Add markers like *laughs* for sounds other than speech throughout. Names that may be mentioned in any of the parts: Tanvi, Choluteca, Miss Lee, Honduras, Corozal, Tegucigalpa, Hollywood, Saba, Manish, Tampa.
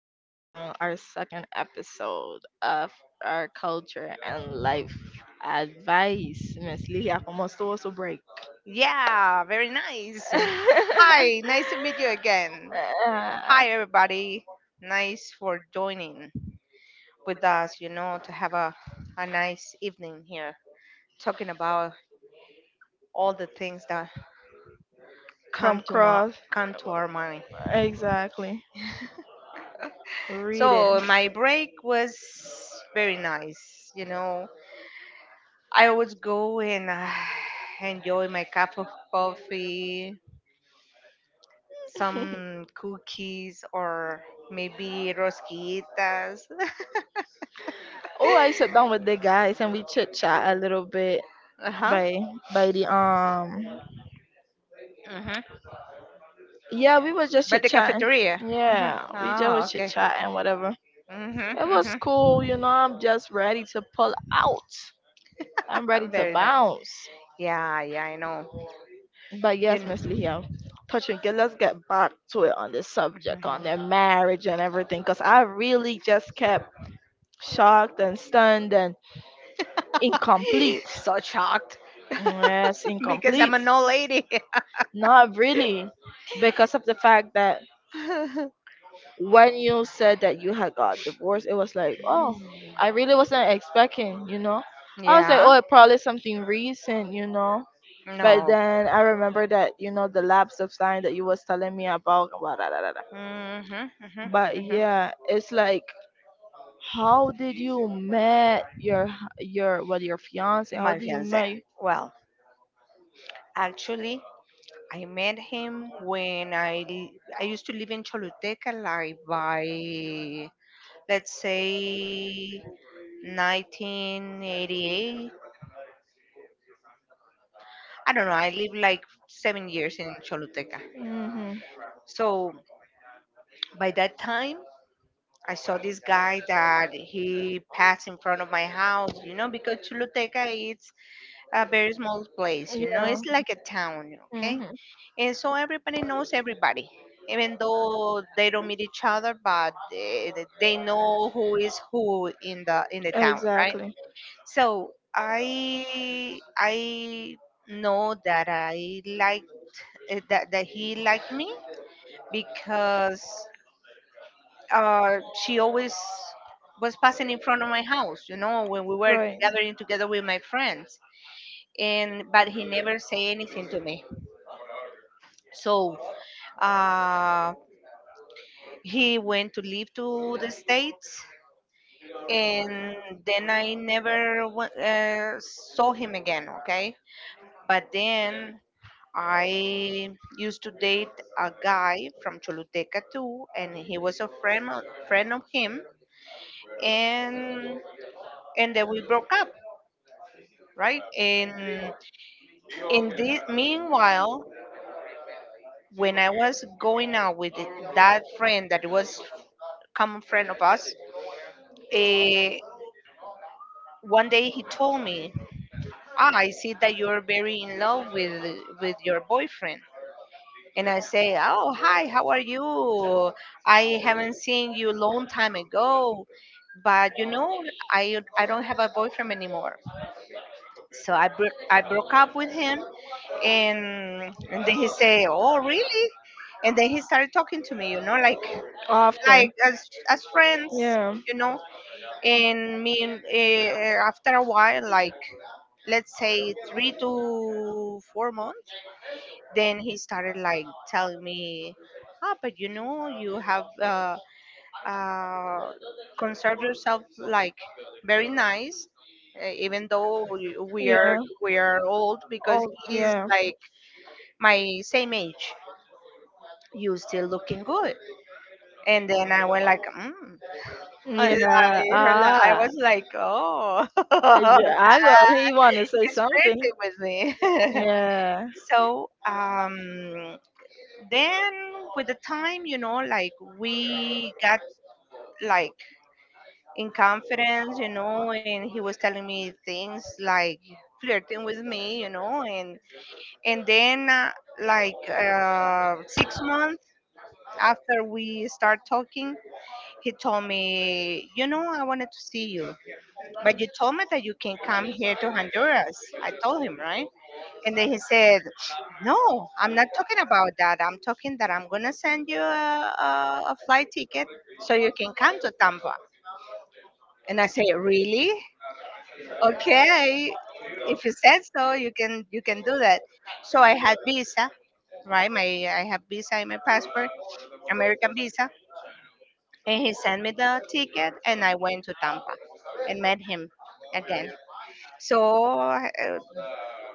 Lee here on our second episode of our culture and life advice. Miss Lee, ¿cómo estuvo su break? Yeah, very nice. Hi, *laughs* nice to meet you again. Ah, Hi, everybody. Nice for joining with us, you know, to have a nice evening here talking about all the things that come come to my, cross. come to our mind. Exactly. Read it. So my break was very nice, you know. I always go and *sighs* enjoy my cup of coffee, *laughs* some cookies or maybe rosquitas. Oh, I sat *laughs* down with the guys and we chit chat a little bit Uh huh. by by the Mhm. yeah, we were just But chit the chatting. cafeteria. Uh-huh. Yeah, we just were Oh, chit okay. chatting, whatever. Mhm. It was Mhm. cool, you know. I'm just ready to pull out. I'm ready *laughs* to Very nice. bounce. Yeah, yeah, I know. But You yes, know. Miss Lihia, touching good. Let's get back to it on this subject, on their *gasps* marriage and everything, cause I really just kept shocked and stunned and *laughs* incomplete. So shocked. Yes, *laughs* Because incomplete. I'm an old lady. Not really, because of the fact that when you said that you had got divorced, *laughs* it was like, oh, I really wasn't expecting, you know. I was like, Yeah. oh, it probably something recent, you know. But No. then I remember that, you know, the lapse of time that you was telling me about, blah, blah, blah, blah, blah. Mhm. Mhm. But Mhm. yeah, it's like, how did you met your your what, your fiance? How My did you fiance. met? Well, actually, I met him when I used to live in Choluteca, like by let's say 1988. I don't know. I lived like 7 years in Choluteca. Mm-hmm. So by that time, I saw this guy that he passed in front of my house, you know, because Choluteca is a very small place, you know, Yeah. it's like a town, okay? Mm-hmm. And so everybody knows everybody, even though they don't meet each other, but they know who is who in the town, right? Exactly. So I know that I liked, that he liked me because uh, she always was passing in front of my house, you know, when we were Right. gathering together with my friends. And but he never say anything to me. So uh, he went to live to the States, and then I never saw him again. Okay, but then I used to date a guy from Choluteca too, and he was a friend of him, and and then we broke up, right? And in this meanwhile, when I was going out with that friend that was common friend of us, eh, one day he told me, I see that you're very in love with your boyfriend, and I say, "Oh, hi, how are you? I haven't seen you long time ago, but you know, I don't have a boyfriend anymore. So I broke up with him," and and then he say, "Oh, really?" And then he started talking to me, you know, like Often. as friends, Yeah. you know. And me, after a while, like let's say 3 to 4 months, then he started like telling me, but you know you have uh conserved yourself like very nice, even though we we are Yeah. we are old, because Oh, he is yeah. like my same age, you still looking good. And then I went like mm. *laughs* I, Yeah. I I Ah. was like oh. *laughs* Yeah, I got he want to say He's something. flirting with me. Yeah. *laughs* So then, with the time, you know, like we got like in confidence, you know, and he was telling me things like flirting with me, you know. And then like 6 months after we start talking, he told me, you know, I wanted to see you, but you told me that you can come here to Honduras. I told him right. And then he said, "No, I'm not talking about that. I'm talking that I'm going to send you a flight ticket so you can come to Tampa." And I say, "Really? Okay. If you said so, you can do that." So I had visa, right? My I have visa in my passport, American visa. And he sent me the ticket and I went to Tampa and met him again. So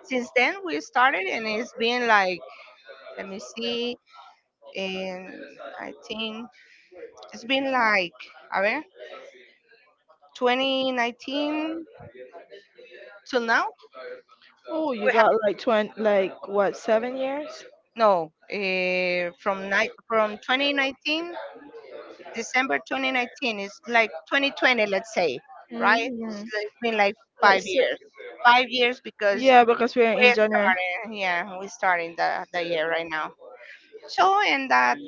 since then we started and it's been like let me see, and I think it's been like, a ver, 2019 till now. Oh, you We have got like 20, like what, 7 years? no, from 2019, December 2019 is like 2020, let's say, right? Hmm. It's been like Like five si years, 5 years because Yeah, because we're in we January. started, yeah, we started the year right now. So and that,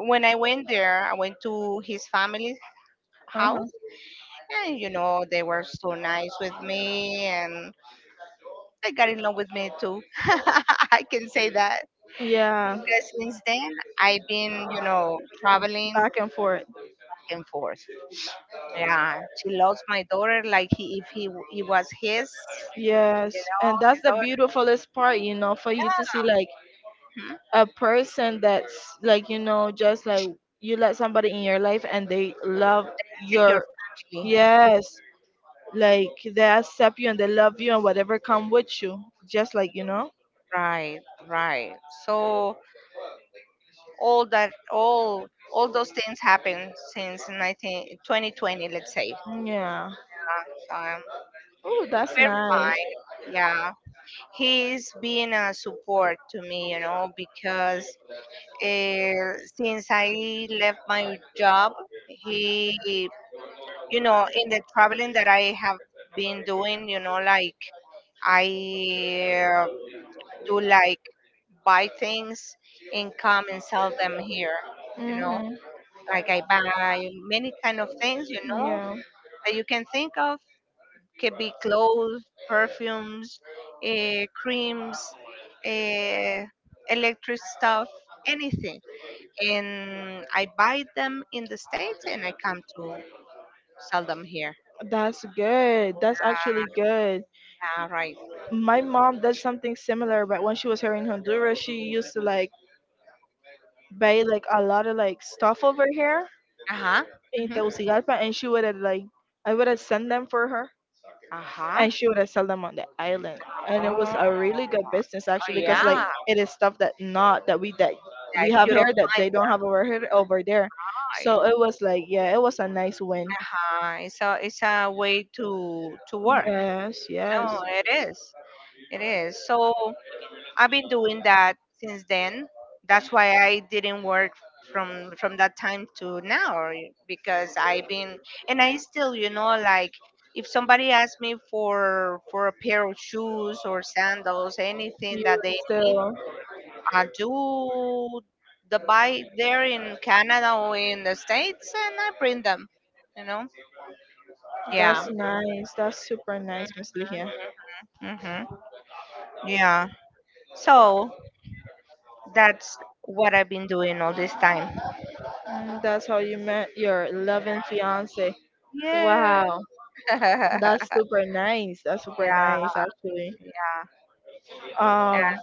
when I went there, I went to his family Uh-huh. house, and you know they were so nice with me, and that got in love with me too. *laughs* I can say that. Yeah. Because since then, I've been, you know, traveling back Back and forth. and forth. Yeah, she loves my daughter like he, if he w- it was his, Yes, you know, and that's his the daughter. beautifulest part, you know, for you to see like a person that's like, you know, just like you let somebody in your life and they love Yeah, it's your your, family. yes, like they accept you and they love you and whatever come with you, just like, you know. Right, right. So all that, all those things happened since 2020, let's say. Yeah. Uh, So Oh, that's we're nice. fine. Yeah, he's been a support to me, you know, because since I left my job, he, you know, in the traveling that I have been doing, you know, like I do like buy things and come and sell them here, you know, Mm-hmm. like I buy many kind of things, you know, Yeah. that you can think of. Could be clothes, perfumes, creams, uh, electric stuff, anything, and I buy them in the States and I come to sell them here. That's good. That's actually good. All right. My mom did something similar, but when she was here in Honduras, she used to like buy like a lot of like stuff over here Uh huh. in Mm-hmm. Tegucigalpa, and she would have like I would have sent them for her, Uh huh. and she would have sell them on the island, and it was Oh, a really good business actually, yeah. because like That it is stuff that not that we that we have you here don't that find they don't have over here over there, there. Right. so it was like yeah, it was a nice win. Uh-huh. It's a way to work. Yes, yes, No, it is. It is. So. I've been doing that since then. That's why I didn't work from that time to now because I've been, and I still, you know, like if somebody asks me for a pair of shoes or sandals, anything you that they were need, still. I do the buy there in Canada or in the States and I bring them, you know. Yeah. That's nice. That's super nice, Miss Ligia. Mhm. Yeah. So, that's what I've been doing all this time. Mm, that's how you met your 11th fiance. Yeah. Wow, that's *laughs* super nice. That's super Yeah, nice, actually. yeah. Um,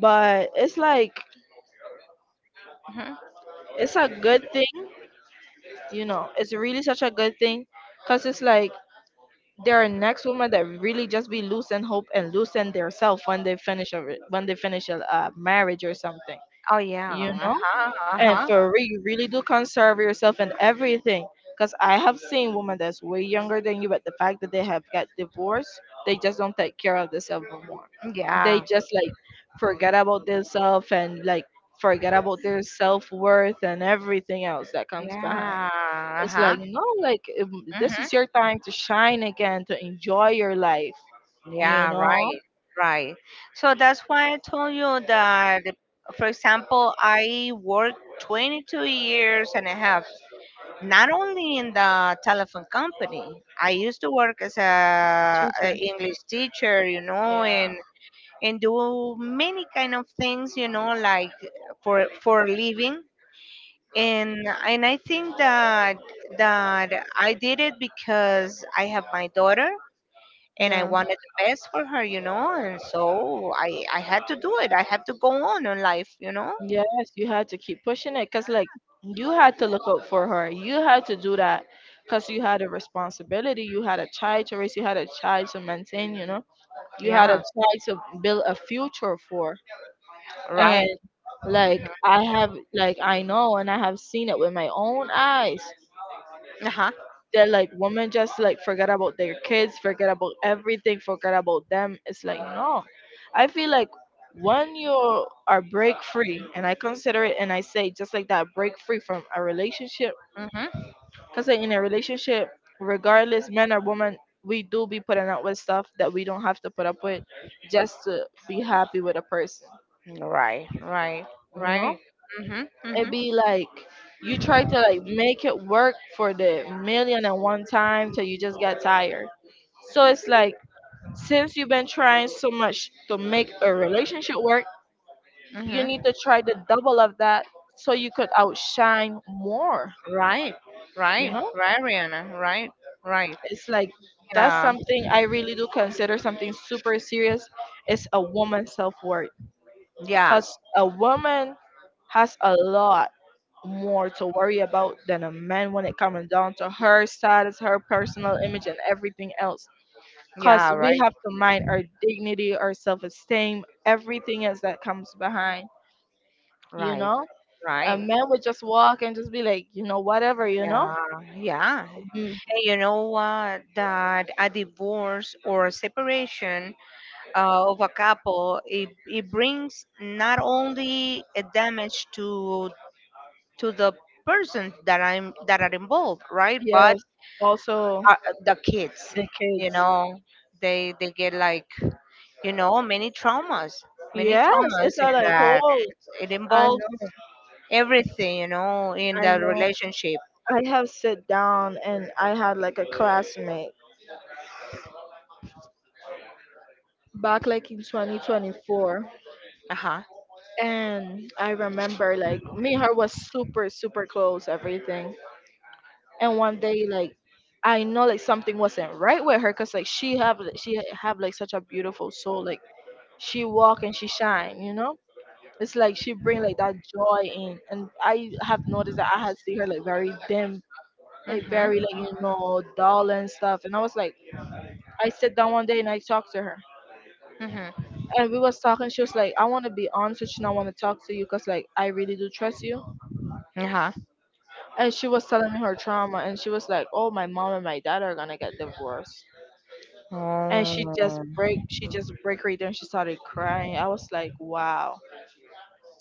but it's like Hmm. it's a good thing, you know. It's really such a good thing, cause it's like there are next women that really just be losing hope and loosen their self when they finish a re- when they finish a marriage or something, Oh yeah. you know. Uh-huh. And Uh-huh. for real, you really do conserve yourself and everything. Because I have seen women that's way younger than you, but the fact that they have got divorced, they just don't take care of themselves no more. They Yeah. just like forget about themselves and like forget about their self worth and everything else that comes behind. Yeah. It's Uh-huh. like, no, like this is Mm-hmm. your time to shine again, to enjoy your life, you Yeah, know? right. Right. So that's why I told you that, for example, I worked 22 years and a half, not only in the telephone company. I used to work as a Teacher. English teacher, you know, Yeah. and do many kind of things, you know, like for a living, and and I think that I did it because I have my daughter and I Yeah. wanted the best for her, you know, and so I had to do it. I had to go on in life, you know. Yes, you had to keep pushing it because, like, you had to look out for her. You had to do that because you had a responsibility. You had a child to raise. You had a child to maintain, you know? You had a Yeah. child to build a future for. Right. And, like, I have, like, I know and I have seen it with my own eyes. Uh huh. That like women just like forget about their kids, forget about everything, forget about them. It's like, no, I feel like when you are break free, and I consider it and I say, just like that, break free from a relationship. Mhm. Because like in a relationship, regardless men or women, we do be putting up with stuff that we don't have to put up with, just to be happy with a person, Right. Right. you Right. know. Mhm. Mhm. It be like you try to like make it work for the million and one time till you just get tired. So it's like since you've been trying so much to make a relationship work, you Mhm. need to try the double of that so you could outshine more, Right. you Right. know? Right, Rihanna. Right. Right. It's like that's Yeah. something I really do consider something super serious. It's a woman's self worth. Yeah. Because a woman has a lot more to worry about than a man when it comes down to her status, her personal image, and everything else. Because Yeah. we Right. have to mind our dignity, our self esteem, everything else that comes behind, you Right. know? A Right. man would just walk and just be like, you know, whatever, you know? Yeah. Yeah. Mm, And you know what, that a divorce or a separation, of a couple, it brings not only a damage to the person that are involved, right? But yes. Also, uh, the kids, the you kids. know, they get like, you know, many Yes, traumas, it's a and like that whole. it I involves know, everything, you know, in I the know. relationship. I have sat down and I had like a classmate back like in 2024. Uh huh. And I remember like me and her was super, super close, everything. And one day like I know like something wasn't right with her because like she have like such a beautiful soul. Like she walk and she shine, you know? It's like she bring like that joy in. And I have noticed that I had seen her like very dim, like very Mhm. like, you know, dull and stuff. And I was like, I sit down one day and I talked to her. Mhm. And we was talking, she was like, I wanna be honest with you and I wanna talk to you because like I really do trust you. Uh huh. And she was telling me her trauma and she was like, oh, my mom and my dad are gonna get divorced. And Oh. She just break right there and she started crying. I was like, wow.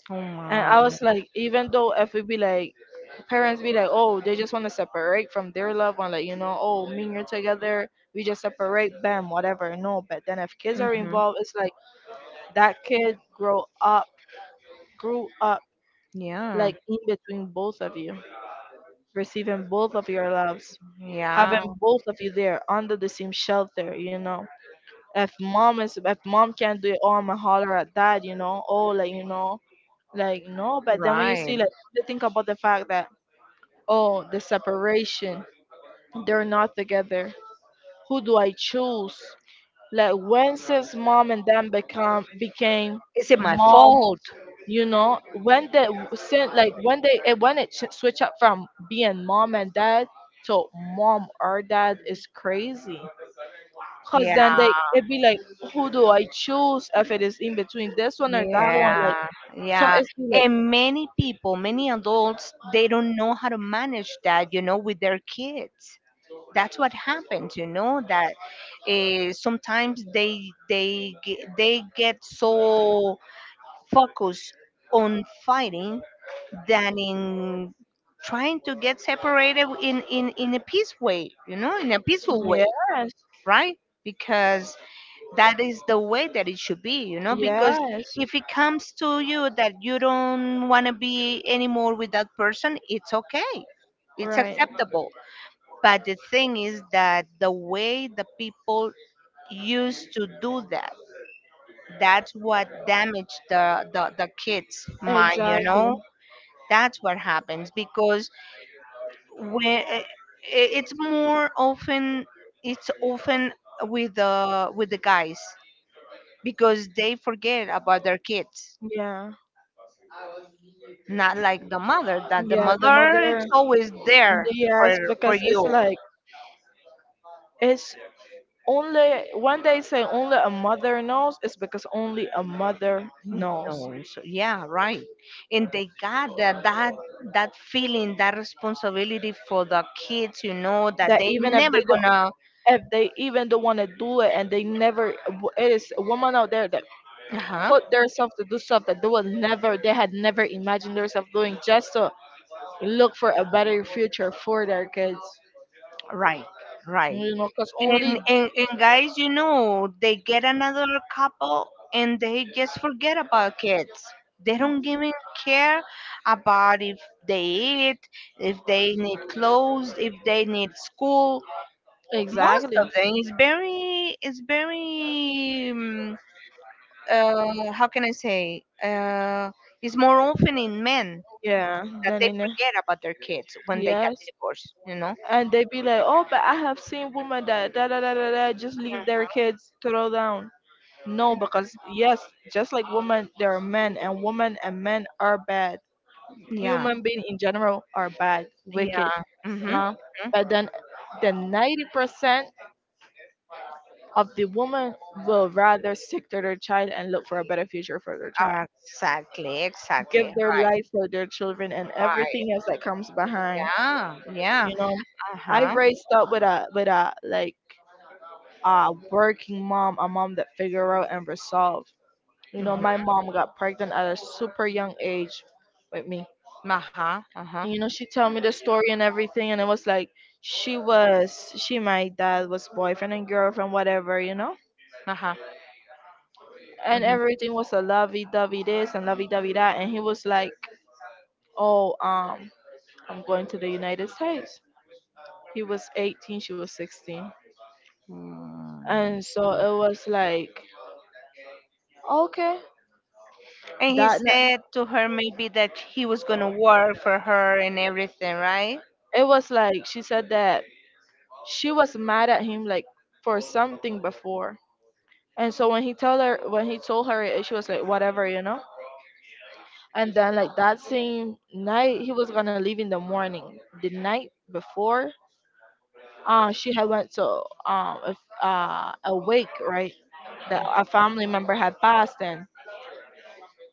Oh And my. I was like, even though if we be like parents be like, oh, they just want to separate from their loved one, like, you know, oh, me and you're together, we just separate, bam, whatever, no. But then if kids are Hmm. involved it's like that kid grow up grew up Yeah. like in between both of you, receiving both of your loves, having Yeah. both of you there under the same shelter, you know. If mom is, if mom can't do it, oh, I'ma holler at dad, you know, oh, like, you know, like no. But then when you see Right. like you think about the fact that, oh, the separation, they're not together. Who do I choose? Like, when since mom and dad become became Is it my mom, fault? you know, when they send like when they when it switch up from being mom and dad to mom or dad is crazy. Because Yeah. then they, it be like, who do I choose if it is in between this one or that one, like, Yeah. so Yeah. it's be And many people, many adults, they don't know how to manage that, you know, with their kids. That's what happens, you know, that sometimes they get so focus on fighting than in trying to get separated in, in a peace way, you know, in a like peaceful way, yes, right? Because that is the way that it should be, you know, because yes, if it comes to you that you don't want to be anymore with that person, it's okay. It's right, acceptable. But the thing is that the way the people used to do that, that's what damaged the kids mind, you know. exactly, That's what happens, because when it's more often it's often with the guys, because they forget about their kids, yeah, not like the mother, that the yeah, the mother is mother, always there yes. for for Because it's you. like it's only when they say only a mother knows, it's because only a mother No, knows so yeah, right. And they got that feeling, that responsibility for the kids, you know, that that they even if never they don't, gonna. if they even don't want to do it, and they never, it is a woman out there that Uh-huh. put themselves to do stuff that they would never, they had never imagined themselves doing, just to look for a better future for their kids, Right. Right. you know, because And, only and and guys, you know, they get another couple and they just forget about kids. They don't even care about if they eat, if they need clothes, if they need school. Most exactly. of them is very, how can I say? It's more often in men Yeah. that Then they in a- forget about their kids when they got yes. divorced. You know? And they be like, oh, but I have seen women that da da da da da just leave their kids to throw down. No, because yes, just like women, there are men, and women and men are bad. Yeah. Human beings in general are bad, Yeah. wicked. Mm-hmm. Yeah, Hmm. but then the 90% of the women will rather stick to their child and look for a better future for their child, Exactly. Exactly. give their Right. life for their children, and Right. everything else that comes behind. Yeah. Yeah. You know, Uh I've huh. raised up with a like a working mom, a mom that figure out and resolve. You know, Mm-hmm. my mom got pregnant at a super young age with me. Uh huh. Uh huh. And you know, she told me the story and everything and it was like she, my dad was boyfriend and girlfriend, whatever, you know? Uh huh. And Mm-hmm. everything was a lovey dovey this and lovey dovey that, and he was like, oh, I'm going to the United States. He was 18, she was 16. And so it was like, okay. And he That said ni- to her maybe that he was gonna work for her and everything, right? it was like she said that she was mad at him like for something before. And so when he told her, it, she was like, whatever, you know. And then like that same night, he was gonna leave in the morning. The night before, she had went to um a, f- a wake, right? That a family member had passed, and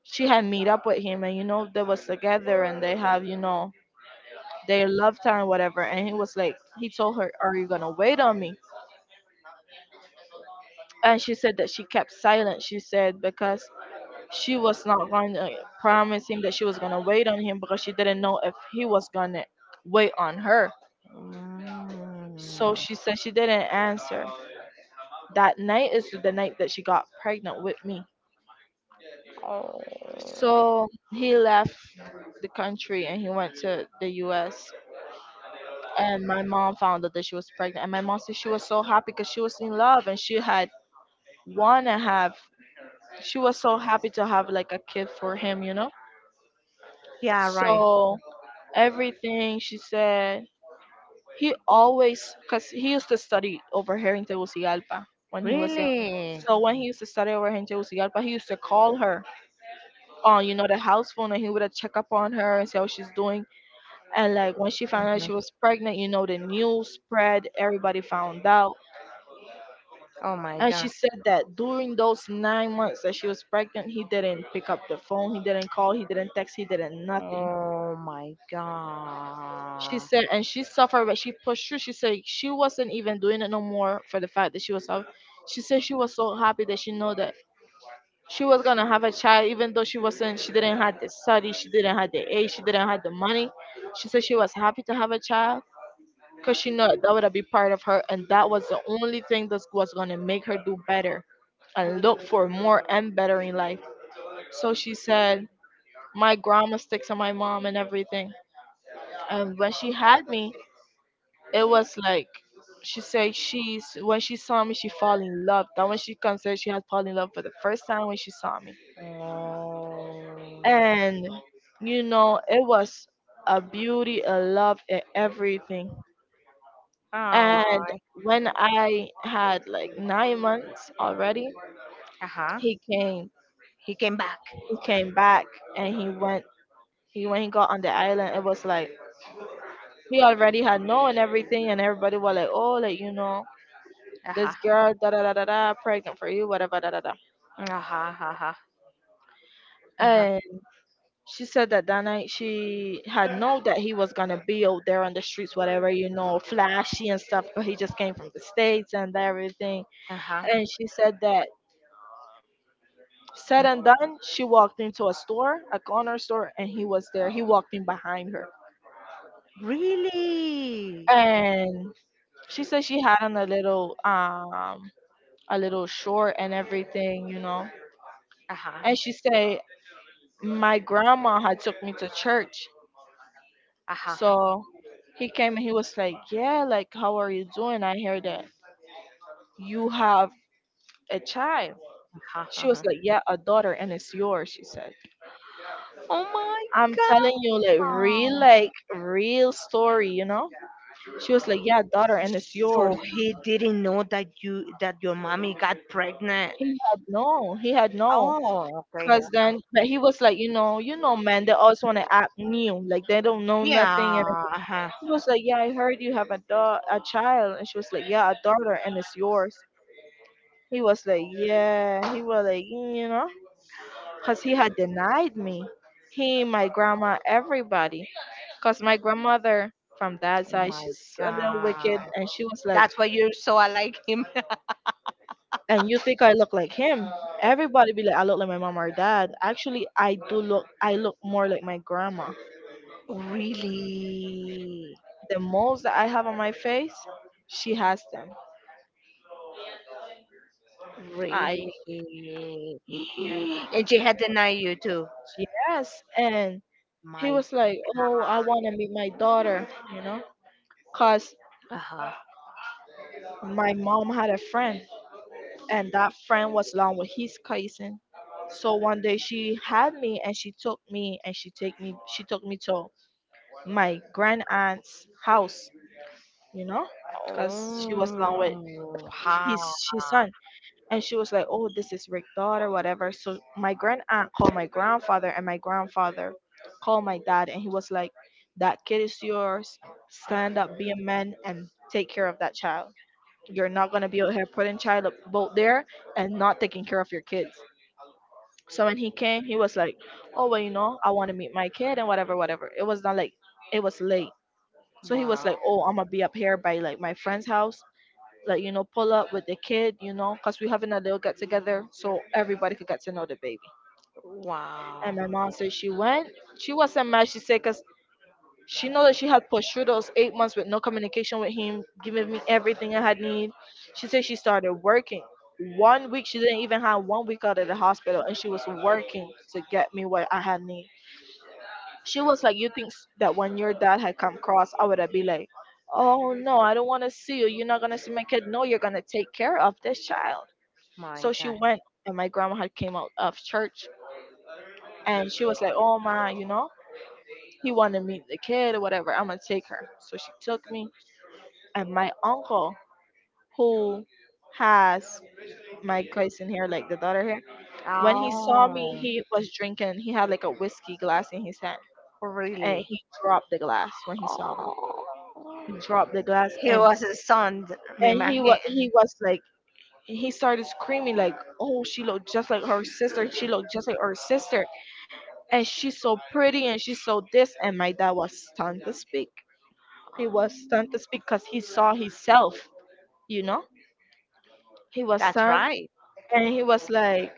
she had meet up with him, and you know they was together, and they have you know their love time, whatever. And he told her, "Are you gonna wait on me?" And she said that she kept silent. She said because she was not going to promise him that she was going to wait on him because she didn't know if he was going to wait on her. Mm. So she said she didn't answer. That night is the night that she got pregnant with me. Oh. So he left the country and he went to the US. And my mom found out that she was pregnant. And my mom said she was so happy because she was in love and she had want to have, she was so happy to have like a kid for him, you know? Yeah. Right. So everything she said. He always, because he used to study over here in Tegucigalpa when he was young. Really? So when he used to study over here in Tegucigalpa, he used to call her on, you know, the house phone, and he would check up on her and see how she's doing. And like when she found out she Hmm. was pregnant, you know, the news spread, everybody found out. Oh my And god. she said that during those 9 months that she was pregnant, he didn't pick up the phone, he didn't call, he didn't text, he didn't nothing. Oh my She god. said, and she suffered, but she pushed through. She said she wasn't even doing it no more for the fact that she was suffering. She said she was so happy that she know that she was gonna have a child, even though she wasn't. She didn't have the study, she didn't have the age, she didn't have the money. She said she was happy to have a child because she know that would be part of her, and that was the only thing that was gonna make her do better and look for more and better in life. So she said, my grandma sticks on my mom and everything. And when she had me, it was like, she said, she's, when she saw me she fell in love, that when she considered she had fallen in love for the first time when she saw me, Oh. and you know it was a beauty, a love, and everything. And Oh. when I had like 9 months already, Uh huh. he came He came back. he came back. And he went he when he got on the island, it was like he already had known everything, and everybody was like, "Oh, like, you know, Uh-huh. this girl, da da da da da, pregnant for you, whatever, da da da." Uh-huh. Uh-huh. Uh-huh. And she said that that night she had known that he was gonna be out there on the streets, whatever, you know, flashy and stuff, but he just came from the States and everything. Uh-huh. And she said that, said and done, she walked into a store, a corner store, and he was there. He walked in behind her, Really? and she said she had on a little short and everything, you know. And Uh-huh. she said my grandma had took me to church. Uh-huh. So he came and he was like, "Yeah, like, how are you doing? I hear that you have a child." Uh-huh. She was Uh-huh. like, "Yeah, a daughter, and it's yours," she said. Oh my I'm telling you, god. like, real story, you know? She was like, "Yeah, daughter, and it's So yours." he didn't know that you that your mommy got pregnant. He had no, he had no. Oh, okay. Because then, but he was like, "You know, you know, man, they always want to act new, like, they don't know nothing." And Yeah. Uh-huh. he was like, "Yeah, I heard you have a, a child." And she was like, "Yeah, a daughter, and it's yours." He was like, yeah, he was like, "Mm, you know," because he had denied me. He, my grandma, everybody. Because my grandmother from that Oh side, my she's a little god. wicked. And she was like, That's why you're so unlike him. *laughs* and you think I look like him? Everybody be like, I look like my mom or dad. Actually, I do look, I look more like my grandma. Really? The moles that I have on my face, she has them. I, Really? *gasps* And she had denied you too. yes. And he My was like, "Oh, I want to meet my daughter," you know, because Uh-huh. my mom had a friend, and that friend was along with his cousin. So one day she had me, and she took me, and she took me to my grand aunt's house, you know, because she was along with Oh, ha. his son. And she was like, "Oh, this is Rick's daughter," whatever. So my grand aunt called my grandfather, and my grandfather called my dad, and he was like, "That kid is yours. Stand up, be a man, and take care of that child. You're not gonna be out here putting boat there and not taking care of your kids." So when he came, he was like, "Oh well, you know, I want to meet my kid and whatever, whatever." It was not like, it was late, so he was Wow. like, "Oh, I'm gonna be up here by like my friend's house, like, you know, pull up with the kid, you know, cause we having a little get together, so everybody could get to know the baby." Wow. And my mom said she went. She wasn't mad. She said, "Cause she know that she had pushed through those 8 months with no communication with him, giving me everything I had need." She said she started working. One week she didn't even have one week out of the hospital, and she was working to get me what I had need. She was like, "You think that when your dad had come across, I would have been like, 'Oh no, I don't want to see you. You're not going to see my kid.' No, you're going to take care of this child." My So she God. went, and my grandma had came out of church, and she was like, "Oh my, you know, he wanted to meet the kid or whatever. I'm going to take her." So she took me, and my uncle, who has my cousin here, like the daughter here, when he saw me, Oh, he was drinking. He had like a whiskey glass in his hand, and really? he dropped the glass when he saw me. Dropped the glass, He and was a son, me imagine. he was like, he started screaming like, "Oh, she looked just like her sister, she looked just like her sister, and she's so pretty, and she's so this." And my dad was stunned to speak. He was stunned to speak because he saw himself, you know. He was That's stunned. right. And he was like,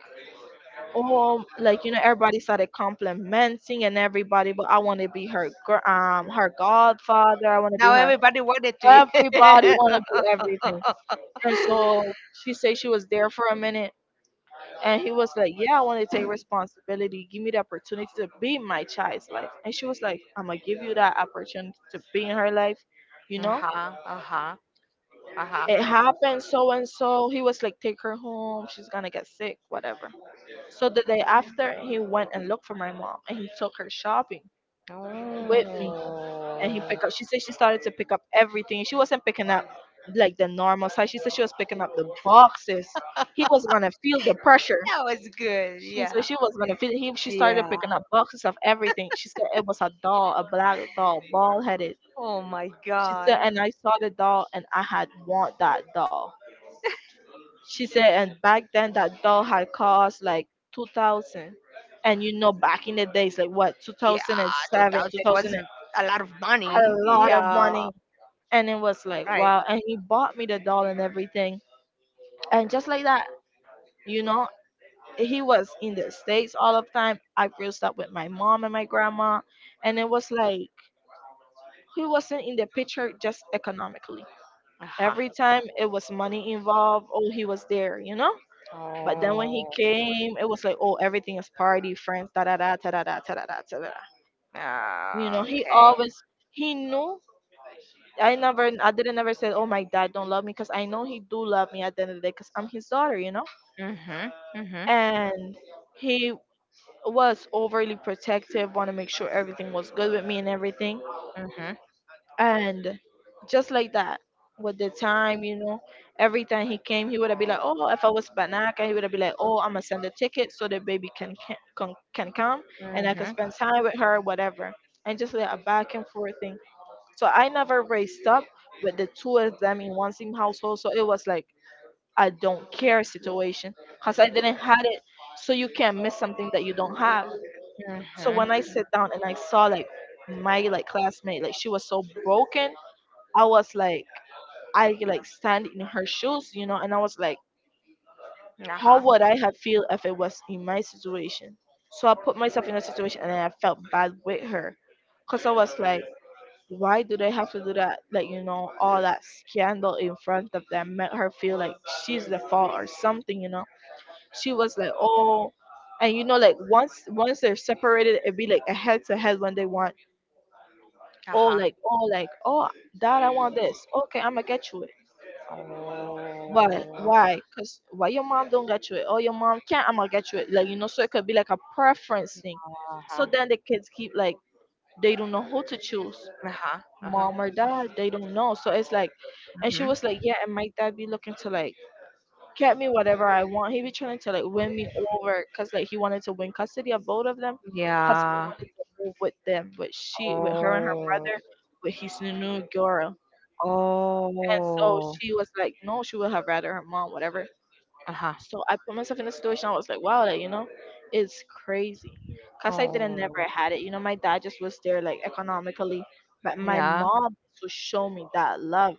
"Oh, like, you know," everybody started complimenting, and everybody, "But I want to be her her godfather, I want to be Now her," everybody wanted to. everybody *laughs* want to be everything. Uh-huh, And so she said she was there for a minute, and he was like, "Yeah, I want to take responsibility. Give me the opportunity to be in my child's life." And she was like, "I'm going to give you that opportunity to be in her life." You know, uh-huh, uh-huh. it happened so and so. He was like, "Take her home. She's going to get sick," whatever. So the day after, he went and looked for my mom, and he took her shopping with me. And he Oh, picked up, she said she started to pick up everything. She wasn't picking up like the normal size. She said she was picking up the boxes. He was going to feel the pressure. that was good. She, so Yeah. she was gonna feed him. She started Yeah. picking up boxes of everything. She said it was a doll, a black doll, bald headed. Oh my She said, God. and I saw the doll and I had want that doll. She said, and back then that doll had cost like 2,000. And you know, back in the days, like what, two thousand and Yeah, seven, two 2000 thousand, wasn't a lot of I had money. a lot of Yeah. money. And it was like, Right. wow. And he bought me the doll and everything. And just like that, you know, he was in the States all of time. I grew up with my mom and my grandma, and it was like he wasn't in the picture just economically. Uh Every time it was money involved, oh, he was there, you know? But then when he Oh, came, it was like, oh, everything is party, friends, da da da, da da da, da da da, da da. You know, he okay. always, he knew. I didn't ever say, "Oh, my dad don't love me," because I know he do love me at the end of the day, because I'm his daughter, you know? Mhm. Mhm. And he was overly protective, want to make sure everything was good with me and everything. Mhm. And just like that, with the time, you know, every time he came, he would have been like, "Oh, if I was Banaka," he would have been like, "Oh, I'm gonna send a ticket so the baby can come and I can Mhm. spend time with her, whatever." And just like a back and forth thing. So I never raised up with the two of them in one same household. So it was like I don't care situation because I didn't had it. So you can't miss something that you don't have. So Mhm. when I sit down and I saw like my like classmate, like she was so broken, I was like I like stand in her shoes, you know, and I was like, Uh-huh. how would I have feel if it was in my situation? So I put myself in a situation and I felt bad with her. Cause I was like, why do they have to do that? Like, you know, all that scandal in front of them made her feel like she's the fault or something, you know. She was like, oh, and you know like once they're separated it'd be like a head to head when they want. Oh, Uh-huh. like oh, like oh, dad, I want this. Okay, I'm gonna get you it. why Oh, why because why your mom don't get you it. Oh, your mom can't, I'm gonna get you it, like, you know, so it could be like a preference thing. So uh-huh. then the kids keep like, they don't know who to choose, Uh-huh. Uh-huh. mom or dad, they don't know, so it's like, and she Mhm. was like, yeah, and my dad be looking to like get me whatever I want, he be trying to like win me over because like he wanted to win custody of both of them, because Yeah. he wanted to move with them, with she, with her and her Oh. brother, with his new girl. And so Oh. she was like, no, she would have rather her mom, whatever. Uh-huh. So I put myself in a situation. I was like, wow, that, you know, it's crazy. Cause I didn't Oh. never had it. You know, my dad just was there like economically, but my Yeah. mom to show me that love.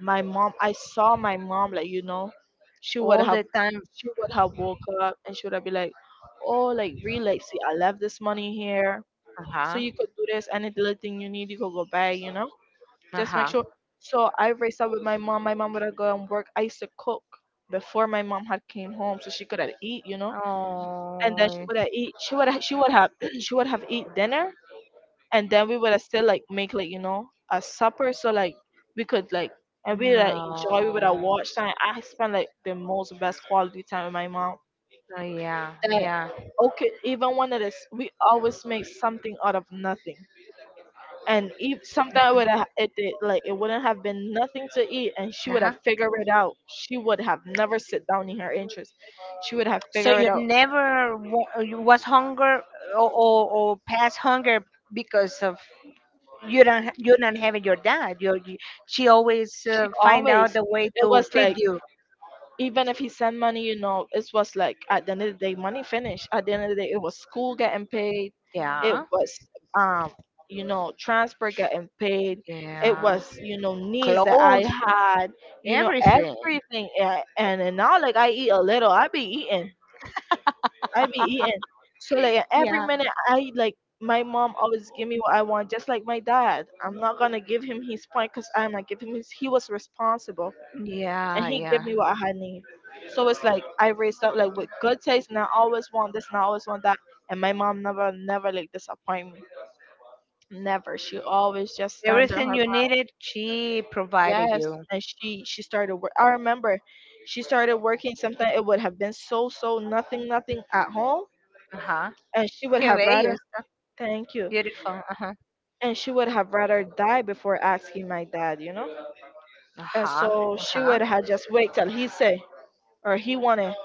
My mom, I saw my mom like, you know, she would All have, the time. she would have woke up and she would have been like, oh, like relax. See, I left this money here, so Uh-huh. you could do this. Any little thing you need, you could go buy. You know, just make Uh-huh. sure. So I raised up with my mom. My mom would go and work. I used to cook before my mom had came home, so she could have eat, you know. Oh. And then she would have eat. She would have. She would have. *clears throat* She would have eat dinner, and then we would have still like make like, you know, a supper, so like we could like, and we would have enjoy. We would have No. watched time. I spent like the most best quality time with my mom. Oh, yeah. That, Yeah. okay, even one of this, we always make something out of nothing, and ev sometimes would have it, it like it wouldn't have been nothing to eat, and she would Uh-huh. have figured it out, she would have never sit down in her interest, she would have So figured it you out, never wa- you was hunger or past hunger because of you don't having your dad. You she always she find always, out the way it to was feed like, you. even if he sent money, you know, it was like at the end of the day money finished, at the end of the day it was school getting paid, it Yeah, was, um you know, transport getting paid, it yeah. was, you know, needs that I Clothes, had, you know, everything. everything. And now like I eat a little, I be eating. I be eating. So like every Yeah, minute I like my mom always give me what I want, just like my dad. I'm not gonna give him his point because I'm not giving him his, he was responsible and yeah, he give yeah. me what I had need. So it's like I raised up like with good taste and I always want this and I always want that. And my mom never never like disappoint me. Never. She always just stand on Everything her, you needed, she provided yes. you. And she started work. I remember she started working something, it would have been so so nothing nothing at home, Uh huh. and she would Que have rather, bello, está thank you, beautiful. Uh huh. and she would have rather die before asking my dad, you know? Uh And huh. so Uh she huh. would have just wait till he say or he wanted.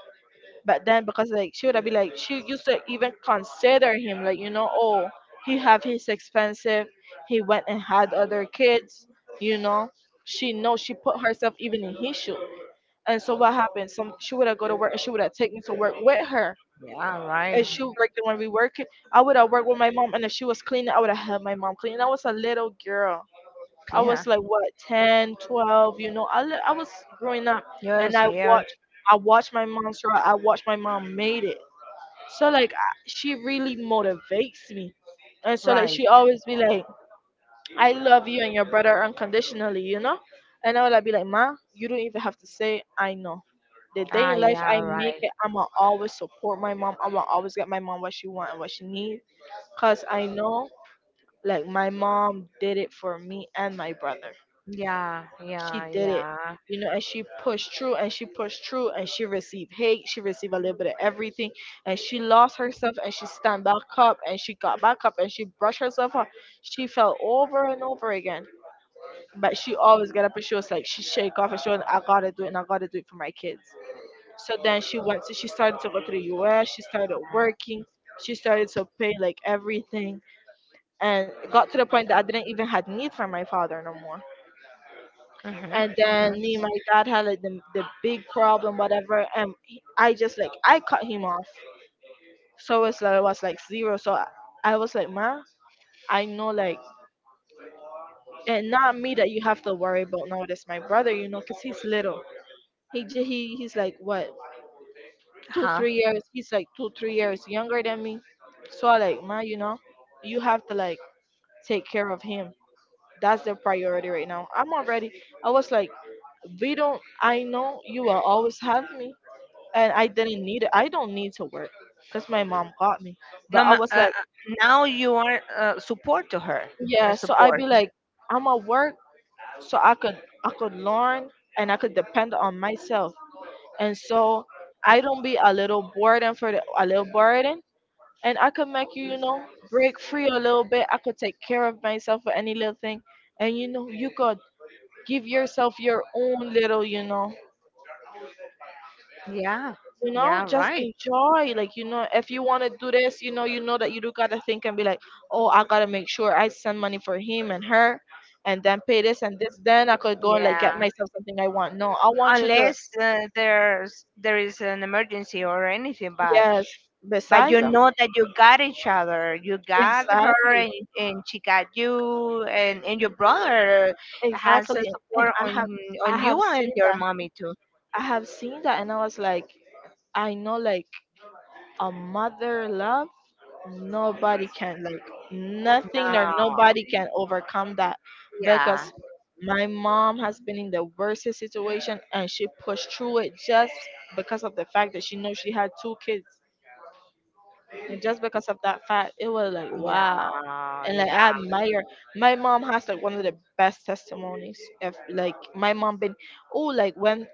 But then because like she would have been like she used to even consider him like, you know, oh, he have his expensive, he went and had other kids, you know. She know she put herself even in his shoe. And so what happened? Some she would have go to work and she would have take me to work with her. Yeah, And right. she would work there when we work. I would have worked with my mom, and if she was cleaning, I would have helped my mom clean. I was a little girl. I Yeah. was like what, 10, 12? You know. I was growing up, and Yes, I yeah, watched, I watched my mom struggle. I watched my mom made it. So like I- she really motivates me. And so like right. she always be like, I love you and your brother unconditionally, you know? And I would like be like, Ma, you don't even have to say, I know. The day Ah, in life yeah, I make right. it, I'ma always support my mom. I'ma always get my mom what she want and what she needs. Cause I know like my mom did it for me and my brother, Yeah, she yeah, did it, yeah. you know, and she pushed through, and she pushed through, and she received hate, she received a little bit of everything, and she lost herself, and she stand back up, and she got back up, and she brushed herself up, she fell over and over again, but she always got up, and she was like, she shake off, and she was like, I gotta do it, and I gotta do it for my kids. So then she went to, she started to go to the US, she started working, she started to pay like everything, and it got to the point that I didn't even had need for my father no more. And Mm-hmm, then mm-hmm. me and my dad had like the big problem, whatever, and he- I just like I cut him off. So it's like it was like zero. So I was like, Ma, I know like, and not me that you have to worry about now, that's my brother, you know, because he's little. He, j- he he's like what, two Huh. three years he's like 2 3 years younger than me. So I like, Ma, you know, you have to like take care of him, that's the priority right now, I'm already, I was like, we don't, I know you will always have me, and I didn't need it. I don't need to work because my mom got me. But No, I ma was like, now you are support to her. Yeah. So I'd Support. be like, I'm at work, so I could, I could learn and I could depend on myself. And so I don't be a little burden for the, a little burden, and I could make you, you know, break free a little bit. I could take care of myself for any little thing, and you know, you could give yourself your own little, you know, Yeah, you know, yeah, just right. enjoy like, you know, if you want to do this, you know, you know that you do gotta think and be like, oh, I gotta make sure I send money for him and her, and then pay this and this, then I could go and like Yeah, get myself something I want, no, I want you to, unless there's there is an emergency or anything, yes, but you besides know that you got each other. You got her, exactly, and she got you, and your brother has exactly, a and support I have, I on you have and seen your that, mommy too. I have seen that, and I was like, I know like a mother love. Nobody can, like, nothing No. or nobody can overcome that, because Yeah, my mom has been in the worstest situation and she pushed through it just because of the fact that she knows she had two kids. And just because of that fact, it was like, wow. yeah, And like I yeah. admire, my mom has like one of the best testimonies. If like my mom been, oh like when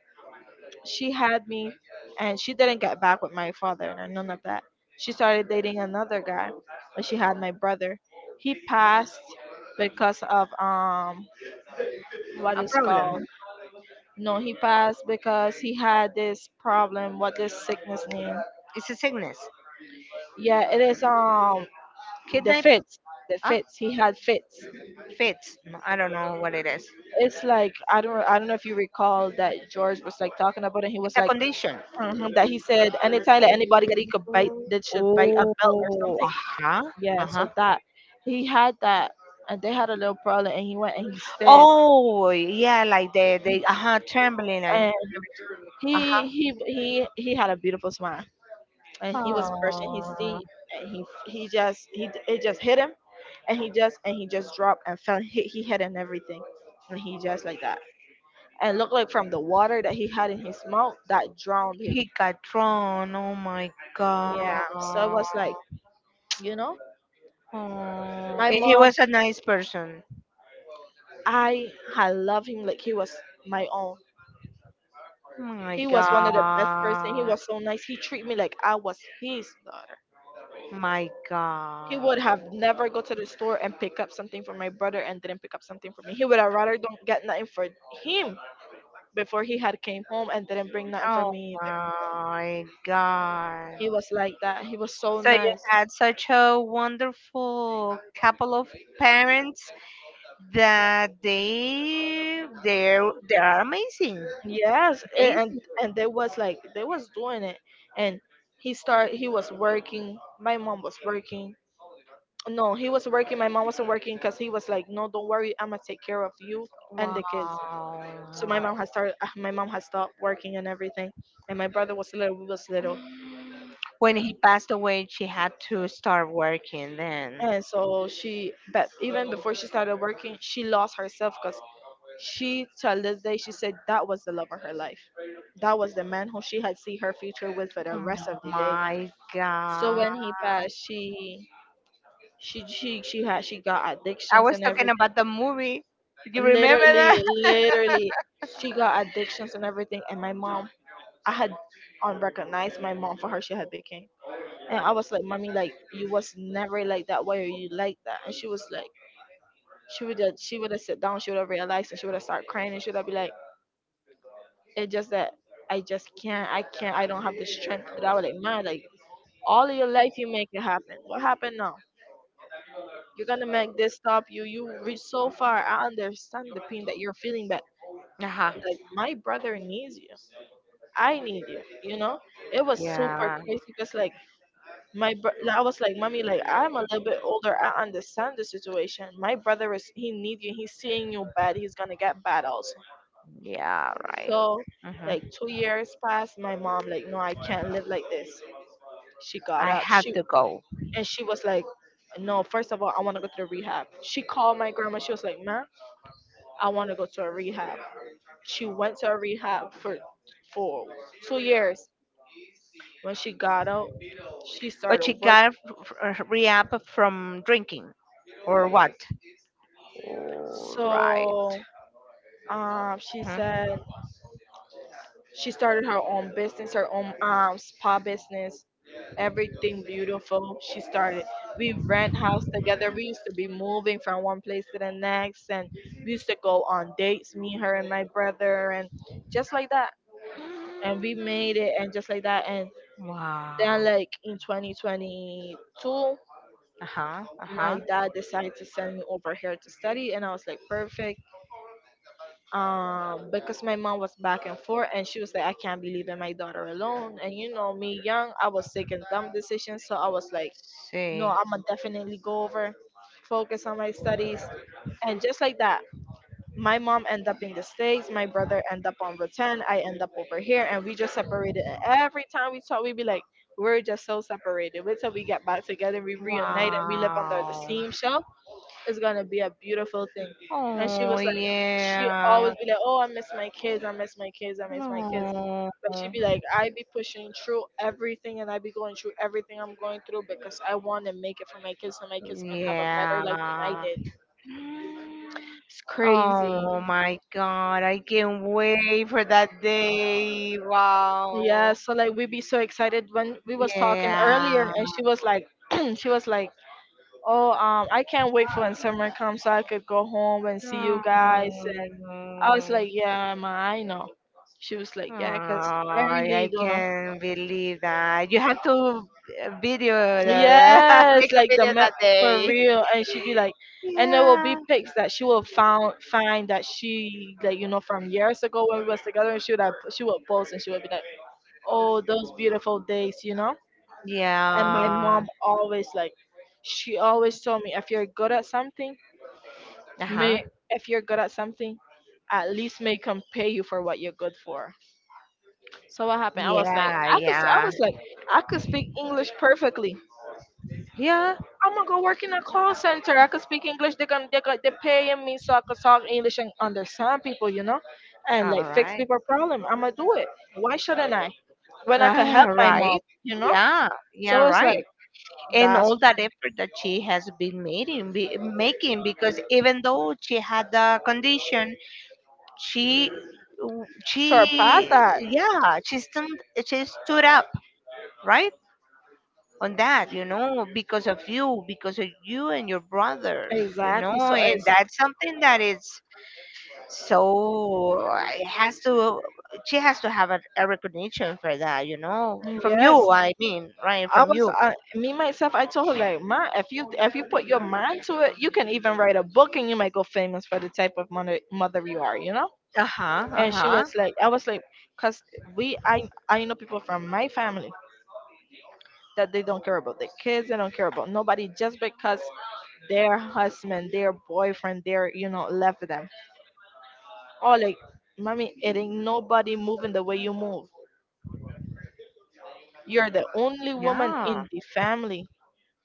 she had me and she didn't get back with my father or none of that. She started dating another guy and she had my brother. He passed because of what A is problem. called, no, he passed because he had this problem, what this sickness name. It's a sickness. Yeah, it is the Kidney. fits. The Huh? fits. He had fits. Fits. No, I don't know what it is. It's like I don't know if you recall that George was like talking about it. He It's was a like. condition. Mhm, that he said anytime that anybody that he could bite that should bite a belt or Oh, something. uh-huh. Yeah, Uh-huh. so that he had that, and they had a little problem, and he went and he stayed, Oh yeah, like the uh-huh trembling and and he uh-huh. he he he had a beautiful smile, and he was brushing his Oh. teeth, and he it just hit him, and he just dropped and fell, he hit and everything, and he just like that, and looked like from the water that he had in his mouth that drowned him. He got drawn. Oh my god. Yeah, so it was like, you know, Oh, my and he mom, was a nice person. I had loved him like he was my own. My He was one of the best person. He god. was so nice. He treated me like I was his daughter. My He god. would have never go to the store and pick up something for my brother and didn't pick up something for me. He would have rather don't get nothing for him before he had came home and didn't bring nothing for Oh me either. my god. He was like that. He was so So you nice. had such a wonderful couple of parents that they are amazing. Yes, a- and Amazing. and they was like they was doing it, and he was working. My mom was working. No, he was working. My mom wasn't working because he was like, no, don't worry, I'ma take care of you and the kids. Wow. So my mom had started. My mom had stopped working and everything, and my brother was little. We was little, When he passed away, she had to start working then. and so she. But even before she started working, she lost herself because she till this day she said that was the love of her life. That was the man who she had see her future with for the Oh rest of the day. my So god. when he passed, she had she got I addictions was and talking everything. about the movie. Do you remember that? Literally, *laughs* literally, she got addictions and everything. And my mom, I had unrecognized my mom for her. She had became. And I was like, mommy, like you was never like that way or you like that. And she was like, she would have sat down, she would have realized and she would have started crying and she would have be like, it's just that I just can't, I don't have the strength. But I was like, man, like all of your life you make it happen. What happened now? You're gonna make this stop you. You reach so far. I understand the pain that you're feeling, but Uh-huh. like my brother needs you. I need you, you know? It was super Yeah. crazy just like like, I was like, mommy, like I'm a little bit older. I understand the situation. My brother is he needs you. He's seeing you bad. He's gonna get bad also. Yeah, right. So like Hmm. 2 years passed. My mom like, no, I can't live like this. She got I up. have She to go. and she was like, no. First of all, I want to go to the rehab. She called my grandma. She was like, ma, I want to go to a rehab. She went to a rehab for for 2 years. When she got out, she But she started working. got a a rehab from drinking or what? All right. So she said. Mhm. She started her own business, her own spa business, everything beautiful. She started. We rent house together. We used to be moving from one place to the next, and we used to go on dates, me, her, and my brother, and just like that. And we made it, and just like that. And Wow. then, like in 2022, Uh-huh. Uh-huh. my dad decided to send me over here to study, and I was like, perfect. Because my mom was back and forth and she was like, I can't be leaving my daughter alone, and you know me young, I was taking dumb decisions, so I was like, no, See. I'm gonna definitely go over, focus on my studies, and just like that, my mom ended up in the States, my brother ended up on return, I end up over here, and we just separated. And every time we talk we'd be like, we're just so separated, wait till we get back together we reunite and we live under the Wow. same shelf, it's gonna be a beautiful thing. And she Oh was like, she yeah. always be like, oh, I miss my kids, I miss my kids, I miss my kids. No. But she'd be like, I be pushing through everything and I be going through everything I'm going through because I want to make it for my kids so my kids can have a better life than I Yeah. did. It's crazy. Oh my God, I can't wait for that day. Yeah, Wow. so like we be so excited when we was talking earlier Yeah. and she was like, *clears throat* she was like, oh, I can't wait for when summer comes so I could go home and see you guys. Oh, And I was like, yeah, ma, I know. She was like, yeah, 'cause I really I don't know. can't believe that. You have to video the, *laughs* Yes, make a like the video map that for day. real. And she'd be like, and there will be Yeah. pics that she will found find that she like, you know, from years ago when we was together. And she would have, she would post and she would be like, oh, those beautiful days, you know. And my Yeah. mom always like, she always told me, if you're good at something, may Uh-huh. if you're good at something, at least make them pay you for what you're good for. So what happened, I was like, Yeah, yeah. I could speak English perfectly, Yeah. I'm gonna go work in a call center, I could speak English, they're paying me so I could talk English and understand people, you know, and All like fix right. people problem, I'm gonna do it. Why shouldn't I, when I could Ah, help my mom, right. you know? Yeah, yeah, So it's right. like And that's all that effort that she has been making, be, making because even though she had the condition, she, surpass she, that, yeah, she stood up, right, on that, you know, because of you and your brother, you exactly. know, So and it's, that's something that is so. It has to. She has to have a recognition for that, you know, from yes, you. I mean, right, from you. Me myself, I told her like, ma, if you put your mind to it, you can even write a book and you might go famous for the type of mother you are, you know. Uh-huh, And she uh-huh. was like, I was like, cause we I know people from my family that they don't care about their kids, they don't care about nobody just because their husband, their boyfriend, their, you know, left them. Or like, mommy, it ain't nobody moving the way you move. You're the only woman Yeah. in the family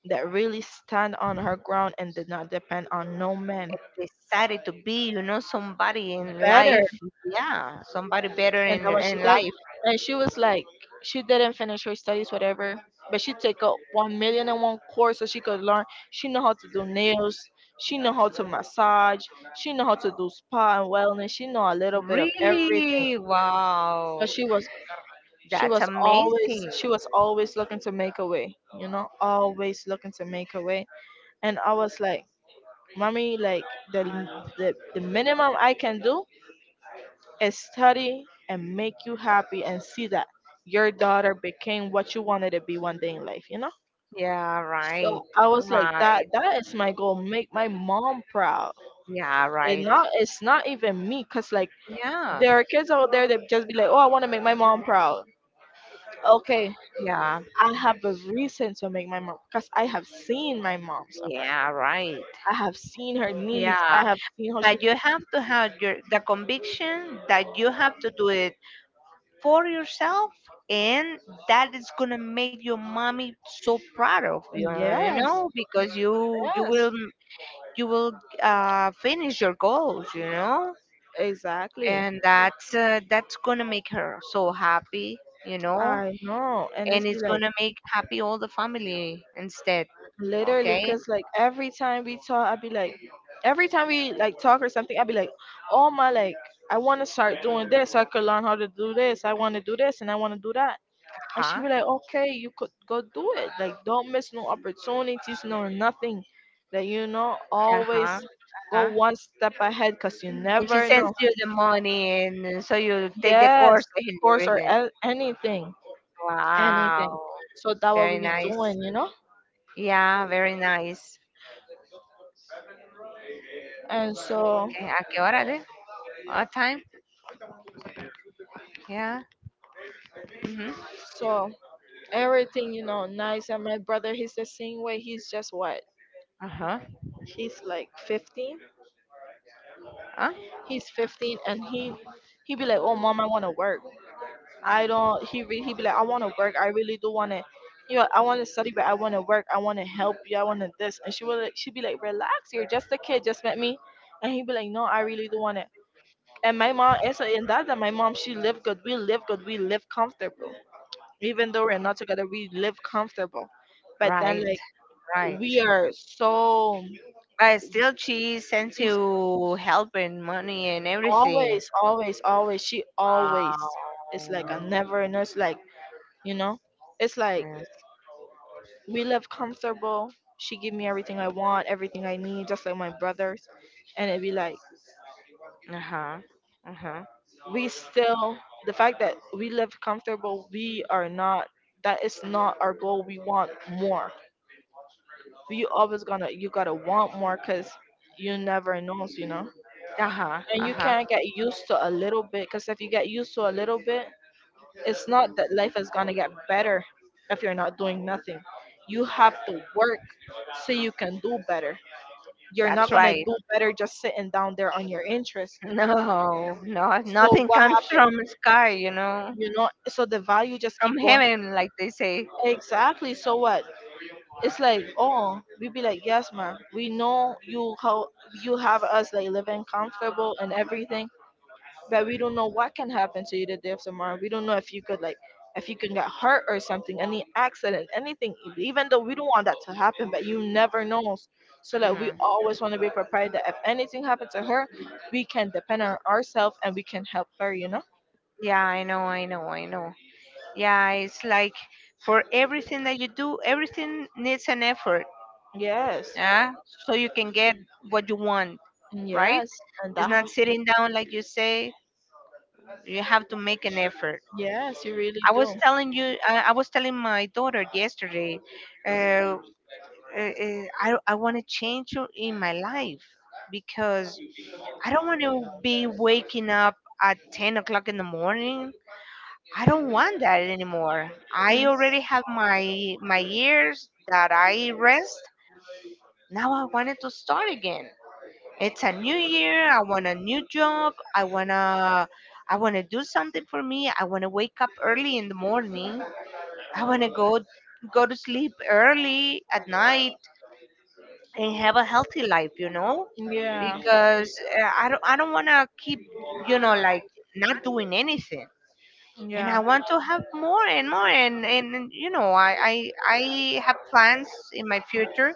that really stand on her ground and did not depend on no man And decided to be, you know, somebody in better. life. Yeah, somebody better And in that what she in did. life. And she was like, she didn't finish her studies whatever, but she take up one million and one course so she could learn. She know how to do nails, she know how to massage, she know how to do spa and wellness, she know a little bit of everything. Really? Wow. Because she That's was always, amazing. she was always looking to make a way, you know, always looking to make a way. And I was like, mommy, like the, the the minimum I can do is study and make you happy and see that your daughter became what you wanted to be one day in life, you know. Yeah, So right. I was like, that Right. Is my goal, make my mom proud. Yeah, And right. not, it's not even me, because like Yeah. there are kids out there that just be like, oh, I want to make my mom proud, okay. Yeah. I have a reason to make my mom, because I have seen my mom suffer, Yeah, right. I have seen her knees, Yeah. I have seen how she. But you have to have your the conviction that you have to do it for yourself, and that is gonna make your mommy so proud of you, you Yes, know, because you yes. will you will finish your goals, you know. Exactly. And that's gonna make her so happy, you know. I know. And And it's be it's like gonna make happy all the family instead. literally, Okay. because like every time we talk, I'd be like, every time we like talk or something, I'd be like, oh my, like, I want to start doing this. I could learn how to do this. I want to do this and I want to do that. And she'd Uh-huh. be like, okay, you could go do it. Like, don't miss no opportunities, no nothing. That, you know, always Uh-huh. go Uh-huh. one step ahead because you And she never sends know. you the money, and so you take the Yes, course and of course, or everything. Anything, anything. Wow. So that what we Very be nice. doing, you know? Yeah, very nice. And so Okay, ¿a qué hora de? What time? Yeah. Mhm. So everything, you know, nice. And my brother, he's the same way, he's just what, Uh-huh. he's like 15. Huh? He's 15 and he be like, oh mom, I want to work, I don't, he be like, I want to work, I really do want to, you know, I want to study but I want to work, I want to help you, I want to this. And she be like, relax, you're just a kid, just met me. And he be like, no, I really do want it. And my mom, as in that, my mom, she live good. We live good. We live comfortable. Even though we're not together, we live comfortable. But then, Right. like, Right. we are so But still she sends we you help and money and everything. always, always, always, she Wow. always is like a never. And it's like, you know it's like, Yes. we live comfortable. She give me everything I want, everything I need, just like my brothers. And it be like Uh-huh. Uh-huh. we still the fact that we live comfortable, we are not, that is not our goal, we want more. We always gonna, you gotta want more, because you never knows, Uh-huh. and you Uh-huh. can't get used to a little bit, because if you get used to a little bit, it's not that life is going to get better. If you're not doing nothing, you have to work so you can do better. You're not That's going to right. do *laughs* better just sitting down there on your interest. No, no, So nothing what comes happened, from the sky, you know, you know, so the value just from keep going. heaven, like they say. Exactly, so what. It's like, oh, we be like, yes, ma'am, we know you how you have us like living comfortable and everything. But we don't know what can happen to you the day of tomorrow. We don't know if you could like, if you can get hurt or something, any accident, anything. Even though we don't want that to happen, but you never know. So that we Mhm. always want to be prepared that if anything happens to her, we can depend on ourselves and we can help her. You know? Yeah, I know, I know, I know. Yeah, it's like for everything that you do, everything needs an effort, Yes, yeah, so you can get what you want, right? yes, and It's that. not Has, sitting down like you say. You have to make an effort. yes, you really I was do. telling you, I was telling my daughter yesterday, uh, I want to change in my life because I don't want to be waking up at 10 o'clock in the morning. I don't want that anymore. I Mm. already have my years that I rest. Now I wanted to start again. It's a new year. I want a new job. I wanna do something for me. I wanna wake up early in the morning. I wanna go go to sleep early at night and have a healthy life, you know? Yeah. Because I don't wanna keep, you know, like not doing anything. And I Yeah. want to have more and more you know, I have plans in my future,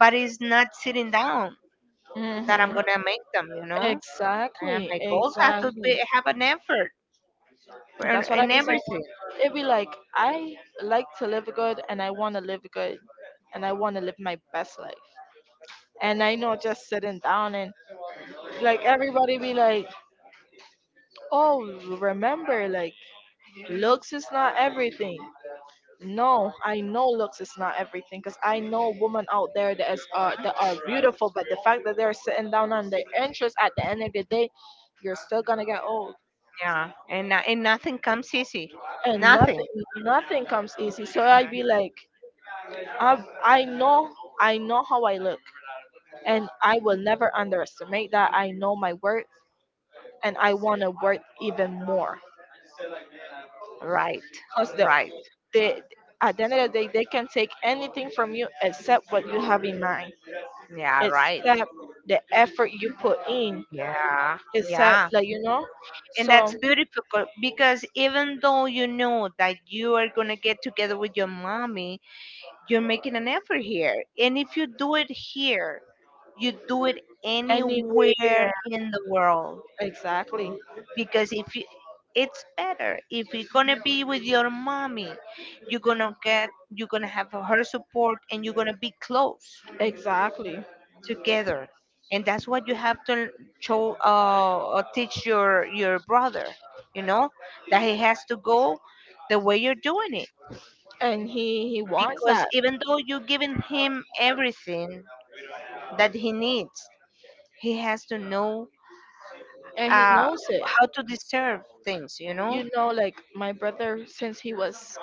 but it's not sitting down that I'm Hmm. gonna make them, you know. And Exactly, my goals have to be exactly. have an effort That's what I in be saying. everything. It be like I like to live good, and I want to live good, and I want to live my best life. And I know just sitting down and like everybody be like, "Oh, remember like looks is not everything." No, I know looks is not everything, because I know women out there that is that are beautiful, but the fact that they're sitting down on their interest at the end of the day, you're still gonna get old. Yeah, and and nothing comes easy. And Nothing. nothing comes easy, so I be like, I know, I know how I look, and I will never underestimate that. I know my worth, and I want to worth even more, Right, because right. the at the end of the day, they can take anything from you except what you have in mind, Yeah, right. except the effort you put in, Yeah, except, yeah. like, you know, And so that's beautiful because even though you know that you are gonna get together with your mommy, you're making an effort here. And if you do it here, you do it anywhere anywhere, in the world. exactly, Because if you, it's better if you're gonna be with your mommy, you're gonna get, you're gonna have her support, and you're gonna be close exactly. together. And that's what you have to show, teach your brother. You know that he has to go the way you're doing it, And he wants because that, even though you're giving him everything that he needs, he has to know and he knows it. how to deserve things, you know? You know, like my brother, since he was,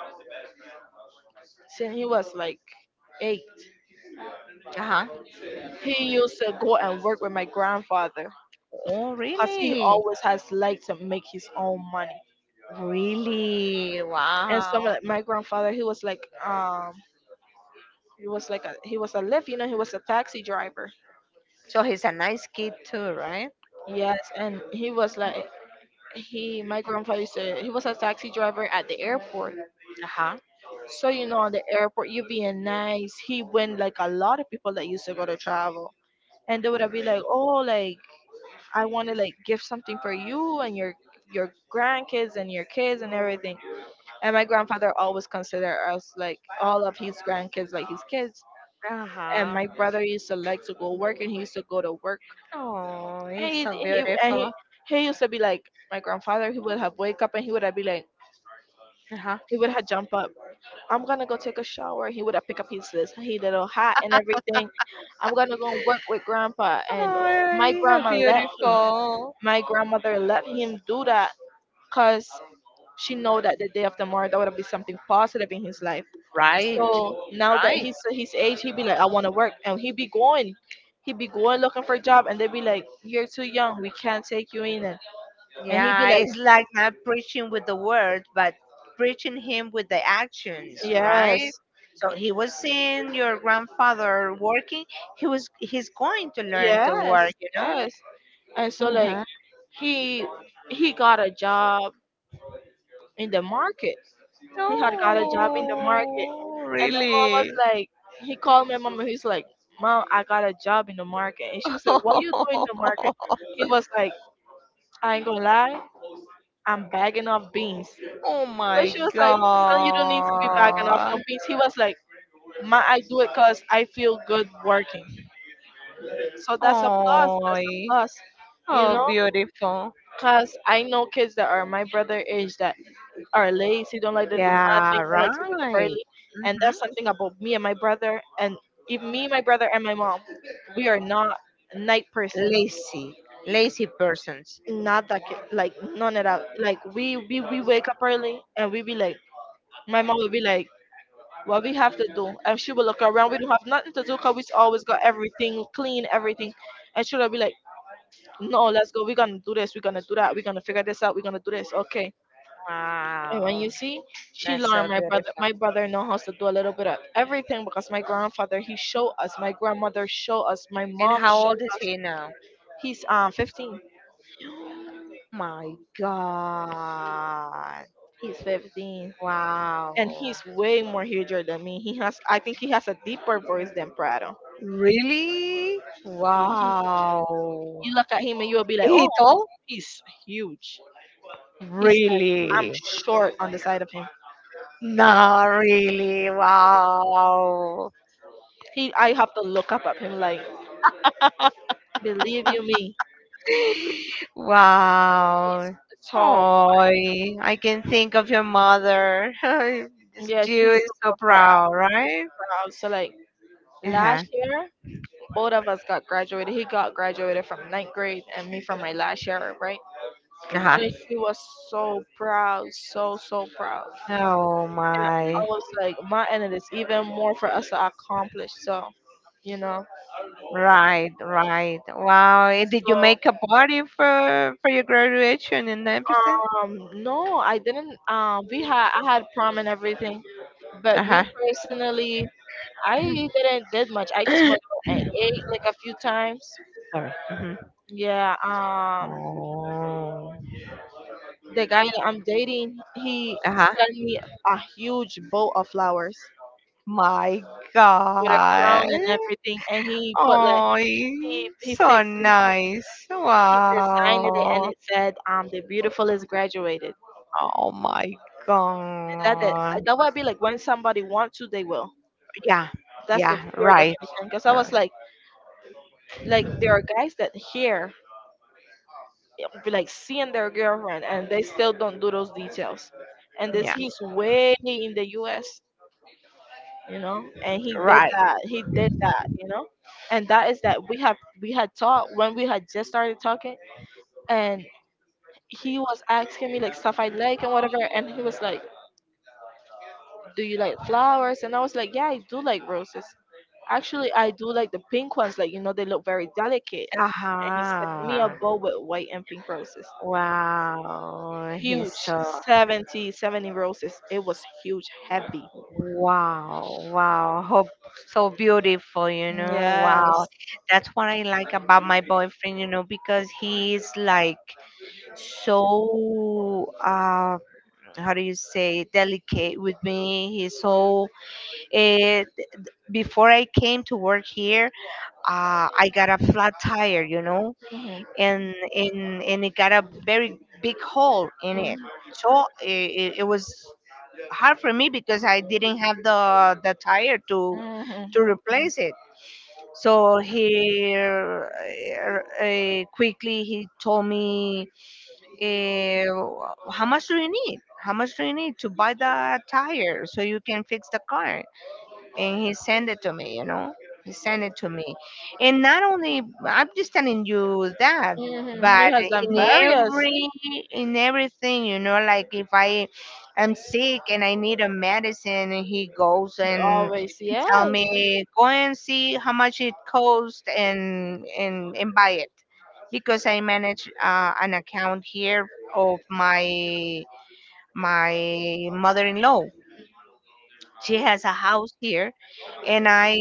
like eight, Uh-huh. he used to go and work with my grandfather, Oh, because he really? always has liked to make his own money. Really? And some Wow. of my grandfather, he was like, he was like a, he was a lift, you know, he was a taxi driver. So he's a nice kid too, right? Yes. And he was like, he, my grandfather said he was a taxi driver at the airport. Uh-huh. So, you know, at the airport, you being nice, he went like a lot of people that used to go to travel, and they would have been like, oh, like, I want to like give something for you and your grandkids, and your kids, and everything. And my grandfather always considered us like all of his grandkids like his kids. And Uh-huh. my brother used to like to go work, and he used to go to work. Oh, And he's he, so he and he beautiful. he used to be like my grandfather. He would have wake up, and he would have be like, Uh-huh. he would have jump up, I'm gonna go take a shower. He would have pick up his little hat and everything. I'm gonna go work with grandpa. And Oh, my he's so grandma let him. beautiful. My grandmother let him do that because she know that the day after tomorrow that would be something positive in his life. Right, So now that right. he's his age, he be like, I want to work, and he be going looking for a job, and they be like, You're too young, we can't take you in. And he be Yeah, like, it's like not preaching with the word, but preaching him with the actions, Yes, right? So he was seeing your grandfather working. He was he's going to learn to yes, work, you know. yes. And so like Uh-huh. he he got a job in the market. He had got a job in the market. Oh, And my mom was really? like, he called my mom, and he's like, Mom, I got a job in the market. And she was like, What you doing in the *laughs* market? He was like, I ain't gonna lie, I'm bagging off beans. Oh But my she was like, Son, you don't need to be bagging off no God. beans. He was like, Ma, I do it because I feel good working. So that's a plus, Oh, plus, you oh know? beautiful. Because I know kids that are my brother age that are lazy, don't like to do Yeah, nothing, don't like to wake up right. early. And Mhm. that's something about me and my brother. And if me, my brother, and my mom, we are not night persons. Lazy, lazy persons. Not that ki- like none at all. Like we wake up early, and we be like, my mom will be like, what we have to do, and she will look around. We don't have nothing to do because we always got everything clean, everything. And she'll be like, no, let's go. We're gonna do this. We're gonna do that. We're gonna figure this out. We're gonna do this. Okay. And when you Wow, see, she that's so learned beautiful. my brother know how to do a little bit of everything, because my grandfather he show us, my grandmother show us, my And mom how old is show us. he now? He's 15. My God. He's 15. Wow. And he's way more huger than me. He has, I think he has a deeper voice than Prado. Really? He, he, Wow. you look at him and you'll be like, He oh, tall? he's huge. He's like I'm Really? short on the side of him. No, really. Wow. He, I have to look up at him like, believe you me, Wow. tall. Oh, I can think of your mother. *laughs* This Yeah, Jew she's is so so proud, proud, right? proud. So like Uh huh. last year, both of us got graduated. He got graduated from ninth grade, and me from my last year, right? Uh huh. And she was so proud, so, so proud. Oh And I my. was like, my end is even more for us to accomplish. So, you know. Right, right. Wow. Did you make a party for your graduation and everything? So, no, I didn't. We had, I had prom and everything. But me Uh-huh. personally, I didn't did much. I just went *laughs* *coughs* out and ate like a few times. Sorry. Mhm. Yeah. Oh. The guy that I'm dating, he Uh-huh. sent me a huge bowl of flowers My with a God. crown and everything, and he put like, Oh, he so fixed nice. the sign in it, and Wow. it said, the beautiful is graduated." Oh my That God. that would be like when somebody wants to, they will. Yeah. That's the Yeah, pure right. definition. Because I uh, was like there are guys that here, like seeing their girlfriend, and they still don't do those details. And this, Yeah. he's way in the U.S., you know, and he did Right. that, he did that, you know. And that is that, we had talked when we had just started talking. And he was asking me like stuff I like and whatever, and he was like, do you like flowers? And I was like, yeah, I do like roses. Actually, I do like the pink ones, like, you know, they look very delicate. And he sent me a Uh-huh. bowl with white and pink roses, Wow. He's huge, so 70 roses, it was huge, heavy. Wow, wow. Hope so beautiful, you know. Wow. Yes. That's what I like about my boyfriend, you know, because he's like so how do you say delicate with me. He's so eh, before I came to work here, I got a flat tire, you know, Hmm. and and it got a very big hole in Hmm. it. So it was hard for me because I didn't have the tire to Hmm. replace it. So he quickly he told me, "How much do you need? How much do you need to buy the tire so you can fix the car?" And he sent it to me, you know. He sent it to me. And not only I'm just telling you that, Hmm. He but has done in various, every in everything, you know, like if I am sick and I need a medicine and he goes he and always, tell yes. me go and see how much it costs and and buy it, because I manage an account here of my my mother-in-law. She has a house here, and I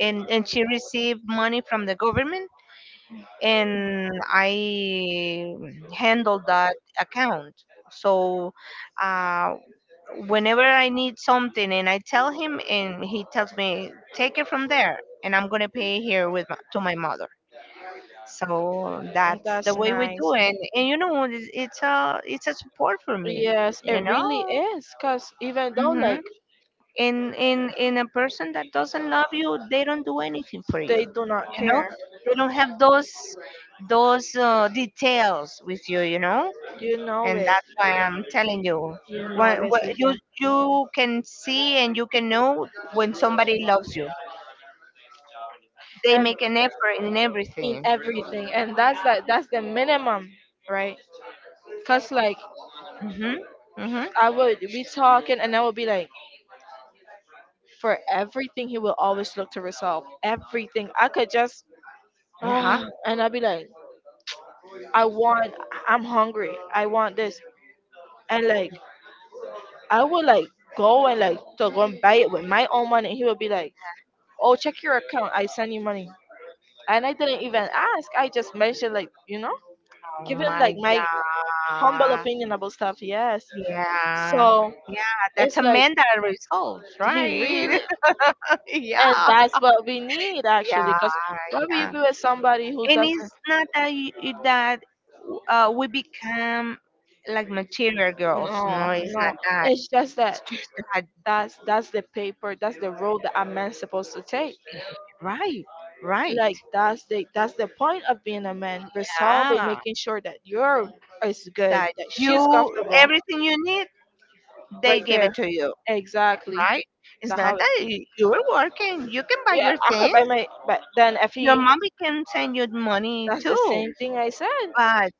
and she received money from the government, and I handle that account. So uh, whenever I need something and I tell him, and he tells me take it from there, and I'm going to pay here with to my mother. So And that's the that's way we nice. do it, and you know it's a support for me, Yes, you it really know. is, because even though, Mm-hmm. like, And in a person that doesn't love you, they don't do anything for you, they do not you know. care, They don't have those details with you, you know. you know And it, that's why I'm telling you, you know it, when basically, you yeah. you can see and you can know when somebody loves you, they And make an effort in in everything. everything, and that's like, that's the minimum, right? Because, like, Mhm. Mhm. I would be talking, and I would be like, for everything, he will always look to resolve everything. I could just, *sighs* Uh-huh. ah, and I'd be like, I want I'm hungry, I want this. And like I would like go and like to go and buy it with my own money. He would be like, oh, check your account, I send you money. And I didn't even ask. I just mentioned like, you know, Oh giving my like my humble god. opinion about stuff, yes. Yeah, So yeah, that's it's a like man that resolves, he really, right? *laughs* and Yeah. that's what we need actually, Yeah, because why would you yeah. be with somebody who And doesn't, it's not that that we become like material girls. No, no, it's no. not that. It's just that It's just that, that's the paper, that's the road that a man's supposed to take. right, right. Like that's the point of being a man, resolve in Yeah, making sure that you're is good, that that she's you comfortable, everything you need, they right give there, it to you, exactly. right? It's The how not it, that you- you're working. You can buy yeah, your I could buy things. my, but then if Your he, mommy can send you money that's the too. same thing I said, But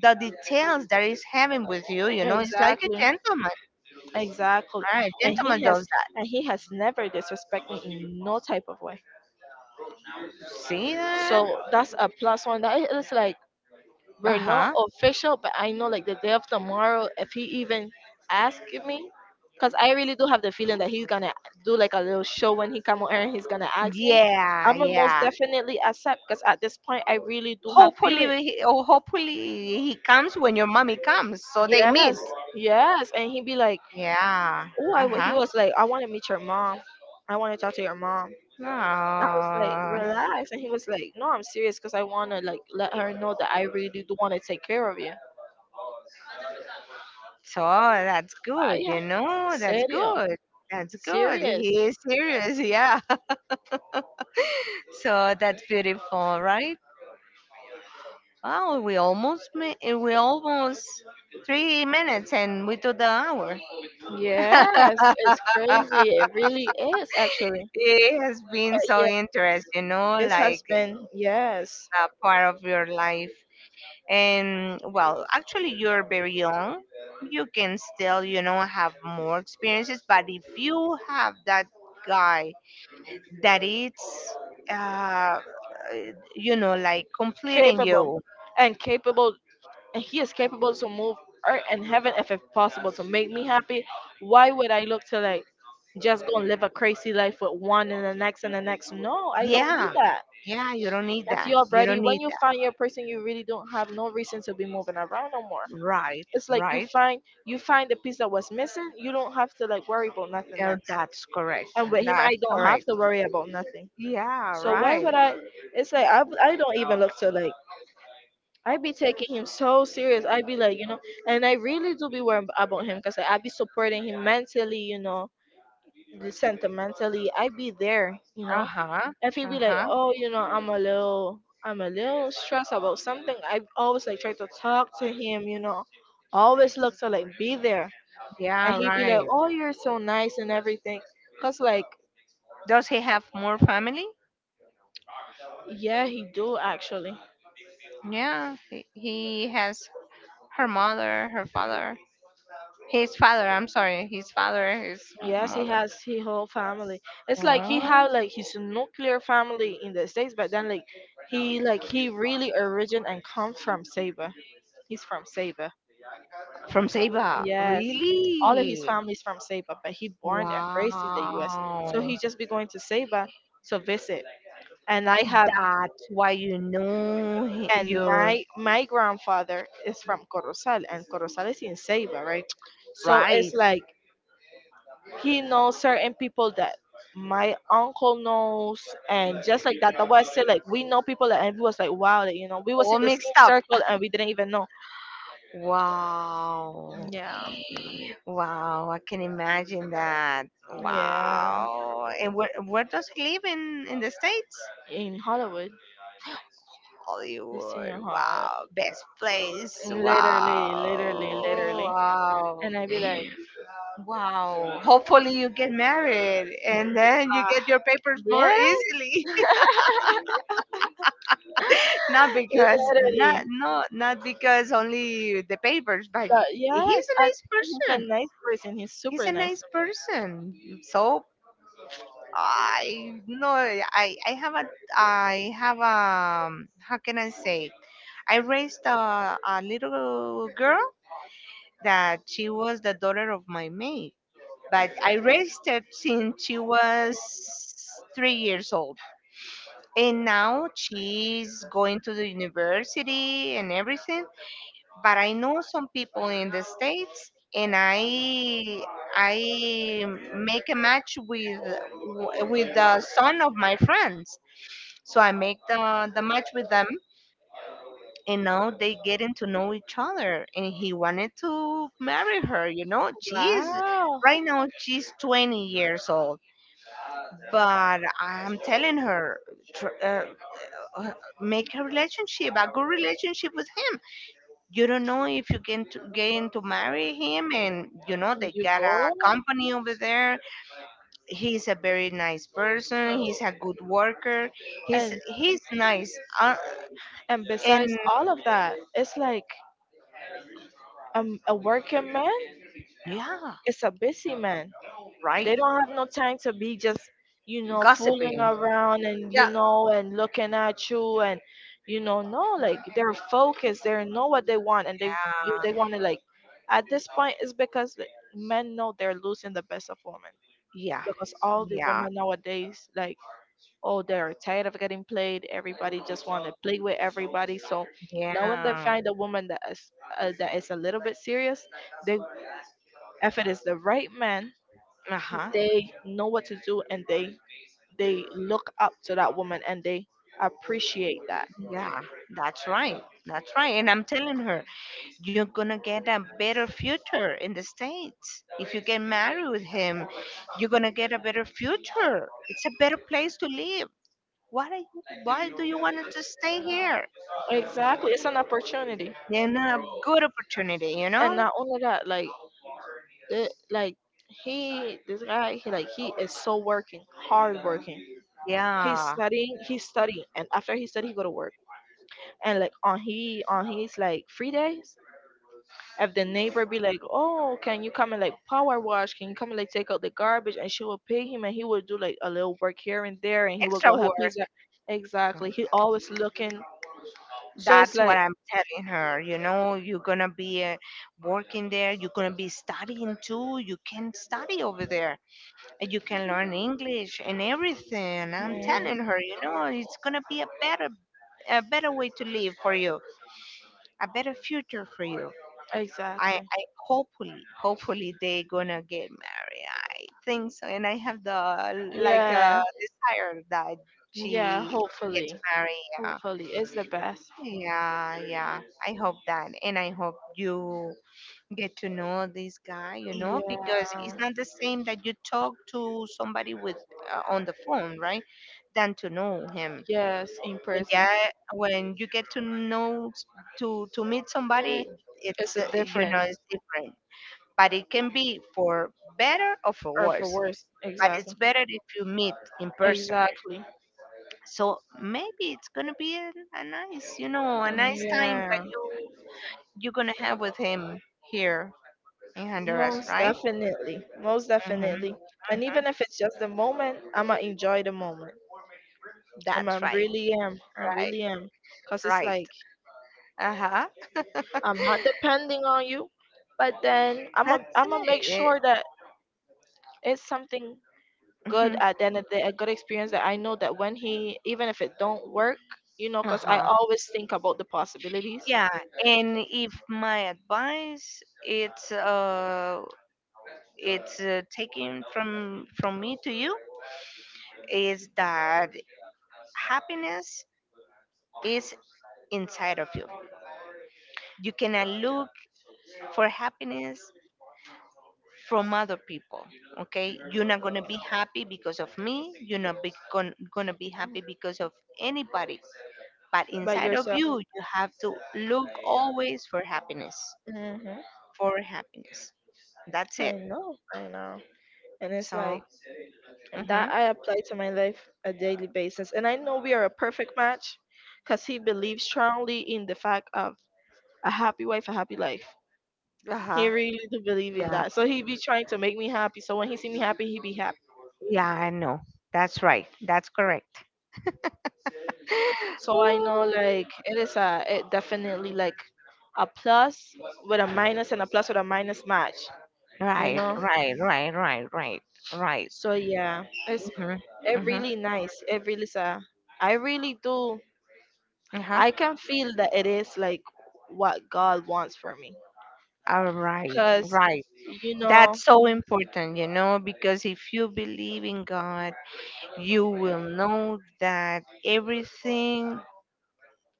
the details that is having with you, you know, it's like a exactly, gentleman. exactly. All right, And gentleman he has does that. and he has never disrespect me in no type of way. See that? So that's a plus one, that is like, we're not Uh-huh. official, but I know like the day of tomorrow, if he even asks me, because I really do have the feeling that he's gonna do like a little show when he come on air, and he's gonna ask me, Yeah, I'm gonna most yeah. definitely accept, because at this point I really do have Hopefully, feelings. Oh, hopefully he comes when your mommy comes, so they meet. Yes, yes, and he'd be like, Yeah. oh, I w-" he Uh-huh. was like, I want to meet your mom, I want to talk to your mom. I was like, Oh, relax, and he was like, no, I'm serious because I want to like let her know that I really do want to take care of you. so that's Ah, good, yeah, you know, that's serio, good. That's good. serious. He is serious, yeah. *laughs* So that's beautiful, right? Wow, we almost we almost 3 minutes and we do the hour. *laughs* Yes, it's crazy. It really is, actually. It has been But so yeah, interesting, this has like been, yes, a part of your life. And well, actually, you're very young, you can still, have more experiences, but if you have that guy that it's uh like completing capable you. and capable, and he is capable to move earth and heaven if it's possible to make me happy. Why would I look to like just go and live a crazy life with one and the next and the next? No, I don't need Yeah, that. yeah, you don't need If that, you're you ready, don't when need you find your person, you really don't have no reason to be moving around no more. that Right, It's like right. You find the piece that was missing. You don't have to like worry about nothing Oh, else. that's correct, And with him I that's don't have correct, to worry about nothing. yeah, So why right. would I? It's like I don't even look to like I be taking him so serious. I be like and I really do be worried about him because I be supporting him mentally, you know, sentimentally. I be there, you know. Uh-huh. If he be like, Uh-huh. oh, I'm a little stressed about something. I always like try to talk to him, you know. Always look to like be there, and Yeah, he be like, right. oh, you're so nice and everything. Cause like, Does he have more family? yeah, he do actually. Yeah, he has her mother, her father, his father. I'm sorry, his father, his Yes, he mother. has his whole family. It's like he Oh, have like his nuclear family in the States, but then like he really origin and come from Saba. He's from Saba. from Seba, Yes. All of his really? family is from Saba, but he born and raised in the US. So Wow. he just be going to Saba to visit. And I have That's why you know and you're my grandfather is from Corozal, and Corozal is in Saba, right? So it's right. like he knows certain people that my uncle knows, and just like that, that was it. Like we know people that, and we was like wow that we was in All the mixed same up. circle and we didn't even know. Wow. Yeah, Wow, I can imagine that. yeah, Wow. And where does he live in the States? in Hollywood. It's Hollywood. in Hollywood, Wow. Best place. literally literally Wow. literally Wow. And I'd be like, Wow. Hopefully, you get married and then you ah, get your papers more really. easily. *laughs* *laughs* Not because, not, Literally. no, not because only the papers, but But he's yes, a I, nice and he's a person. nice person, he's He's super a nice. nice person. So, I no I I have a, I have a, how can I say, I raised a little girl that she was the daughter of my maid. But I raised her since she was 3 years old. And now she's going to the university and everything. But I know some people in the States, and I make a match with the son of my friends. So I make the match with them, and now they getting to know each other, and he wanted to marry her. You know, she's, Wow, right now she's 20 years old, but I'm telling her, tr- uh, uh, make a relationship, a good relationship with him. You don't know if you can to, get to marry him. And you know, they you got a go. company over there. He's a very nice person, he's a good worker, he's and he's nice. And And besides all of that, it's like a working man yeah, is a busy man. right. They don't have no time to be just, fooling Gossiping, around and, yeah. And looking at you and, you know, no, like they're focused. They know what they want and they you Yeah. they want to like. At this point, it's because like, men know they're losing the best of women Yeah. because all the Yeah. women nowadays like, oh, they're tired of getting played. Everybody just want to play with everybody. So now when they Yeah. find a woman that is a little bit serious, they if it is the right man, Uh huh. they know what to do and they look up to that woman and they appreciate that. Yeah. That's right. That's right. And I'm telling her, you're going to get a better future in the States. If you get married with him, you're going to get a better future. It's a better place to live. Why, are you, why do you want to stay here? Exactly, it's an opportunity. And a good opportunity, you And know? not only that, like the like he this guy he like he is so working, hard working. He's Yeah. studying, he's studying, and after he study he go to work. And like on he on his like free days, if the neighbor be like, oh, can you come and like power wash, can you come and like take out the garbage, and she will pay him, and he will do like a little work here and there, and he will Extra go help work. his exactly he always looking. So it's That's what like I'm telling her. You know, you're gonna be working there. You're gonna be studying too. You can study over there, and you can learn English and everything. I'm mhm, telling her, you know, it's gonna be a better way to live for you, a better future for you. I, exactly, I hopefully, hopefully they gonna get married. I think so, and I have the like yeah, desire that yeah, she is hopefully. married. Hopefully it's the best. Yeah, yeah. I hope that. And I hope you get to know this guy, you know, because Yeah, it's not the same that you talk to somebody with on the phone, right? Than to know him. yes, in When yeah, person. when you get to know to meet Mm, somebody, it's it's a you different know, it's different. But it can be for better or for or for worse. worse. But it's Exactly, better if you meet in person. exactly, So maybe it's gonna be a nice, you know, a nice time that yeah. you, you're gonna have with him here in Honduras, Most right? definitely. Most Hmm. definitely. And even if it's just a moment, I'ma enjoy the moment. I That's right, really am. I right, really am. Cause it's right. like Uh huh. *laughs* I'm not depending on you, but then That's I'm gonna make it. sure that it's something good Hmm. at the end of the day, a good experience that I know that when he, even if it don't work, you know, Uh cause I huh. always think about the possibilities. Yeah. And if my advice, it's taken from me to you, is that happiness is inside of you. You cannot look for happiness from other people. Okay, you're not going to be happy because of me, you're not be going to be happy because of anybody, but But inside of yourself. you, you have to look always for happiness, Hmm, for happiness. That's it. I know. I know. And it's So, like that mhm. I apply to my life a daily basis. And I know we are a perfect match because he believes strongly in the fact of a happy wife, a happy life. Uh He huh. really do believe in Yeah, that. So he be trying to make me happy. So when he see me happy, he be happy. yeah, I know. That's right, that's correct. *laughs* So I know Ooh. like it is a it definitely like a plus with a minus and a plus with a minus match. You Right, know? right, right, right, right, right. So yeah. It's Mhm, it mhm, really nice. It really is a I really do uh-huh. I can feel that it is like what God wants for me. All right, Because, right. you know, That's so important, you know, because if you believe in God, you will know that everything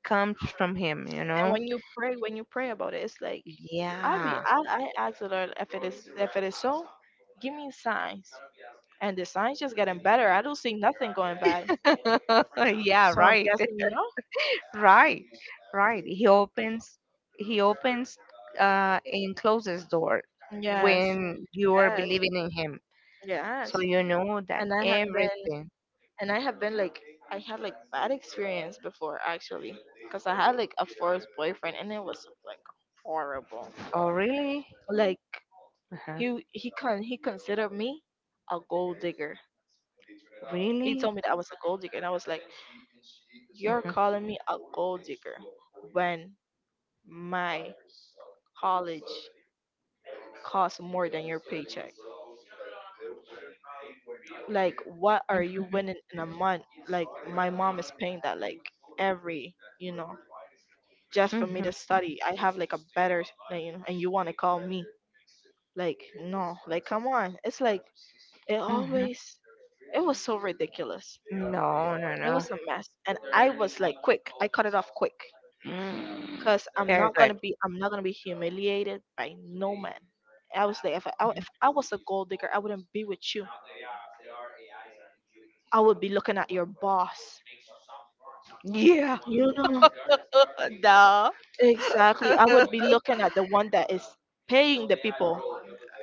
comes from Him, you and know? When you pray about it, it's like you- I be Yeah. I, I ask the Lord if it is so, give me signs. And the signs just getting better. I don't see nothing going bad. *laughs* Yeah, So I'm right. guessing, you know? *laughs* Right. Right. He opens, he opens and closes door Yes. when you are Yes. believing in him. So Yes. you know that And I have been everything. and I have been like I had like bad experience before actually. Because I had like a first boyfriend and it was like horrible, Oh really? like Uh-huh. he considered me a gold digger. He Really? told me that I was a gold digger, and I was like, "You're Uh-huh. calling me a gold digger when my college costs more than your paycheck? Like, what are you winning in a month? Like, my mom is paying that like every, you know, just for me Mhm, to study. I have like a better, like, you know, and you want to call me." Like no, like come on. It's like it mhm. always it was so ridiculous. No, no, It no. was a mess, and I was like, quick, I cut it off quick, Mm, cause very good. I'm not gonna be humiliated by no man. I was like, if I was a gold digger, I wouldn't be with you. I would be looking at your boss. Yeah. You know No, exactly. I would be *laughs* looking at the one that is paying the people,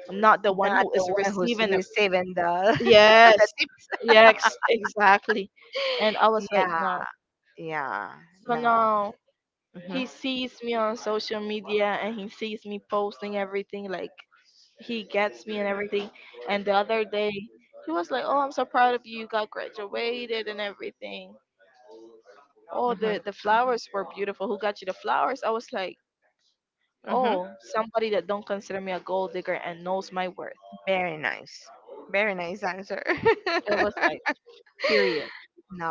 not the one not who the is one who's receiving it. receiving the. Yes, *laughs* yes, exactly. And I was like, Yeah, no. yeah. So No. now Mhm, he sees me on social media and he sees me posting everything. Like he gets me and everything. And the other day, he was like, "Oh, I'm so proud of you. You got graduated and everything." Oh, mhm, the flowers were beautiful, who got you the flowers? I was like, mhm. oh, somebody that don't consider me a gold digger and knows my worth. Very nice. Very nice answer. It *laughs* was like period.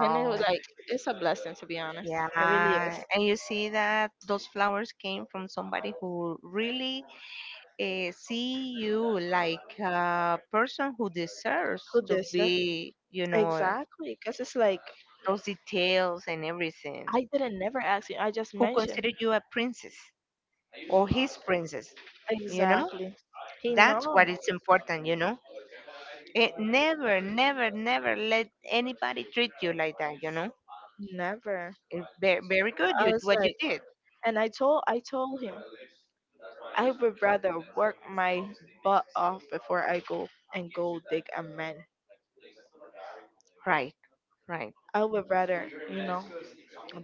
And it was like it's a blessing, to be honest. It really Yeah. is And you see that those flowers came from somebody who really, eh, see you like a person who deserves who to this yeah? be, you know, Exactly, because it's like those details and everything, I didn't never ask you, I just who mentioned. consider you a princess or his princess, you know? Exactly. He That's no, what is important, you know? It never, never, never let anybody treat you like that, you know? never. It, very, very good, I you, was what you like, did. and I told him I would rather work my butt off before I go and go dig a man. Right, right. I would rather, you know,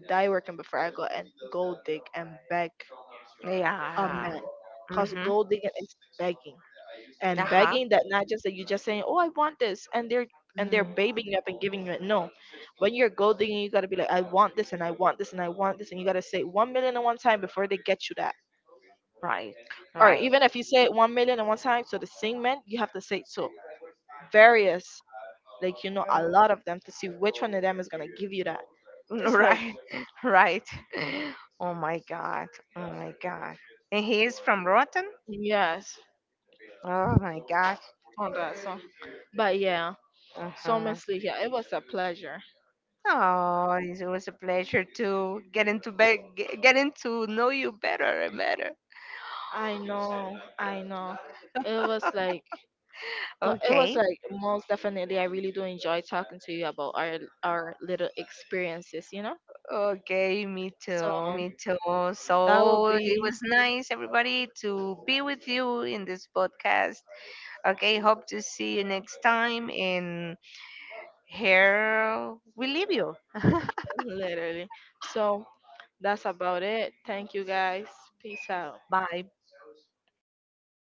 die working before I go and go dig and beg a Yeah. man. Cause Mm-hmm. gold digging is begging. And Uh-huh. begging that not just that you just saying, oh, I want this, and they're Mm, babying you up and giving you it, no. When you're gold digging, you got to be like, I want this and I want this and I want this, and you got to say 1 million at one time before they get you that. right, Or right. even if you say it 1 million at one time, so the same man you have to say it so various, like, you know, a lot of them to see which one of them is going to give you that. It's like Right, *laughs* right. Oh my god. Oh my god. And he is from Rotten? yes Oh my god. on that song, but yeah. So Uh-huh. honestly, yeah, it was a pleasure. Oh, it was a pleasure to get into getting to know you better and better. I know, I know, it was like, so it was Okay. like most definitely I really do enjoy talking to you about our little experiences, you know? Okay, me too. So Me too. that will So, it be was nice everybody to be with you in this podcast. Okay, hope to see you next time and here we leave you. literally. So that's about it. Thank you guys. Peace out. Bye.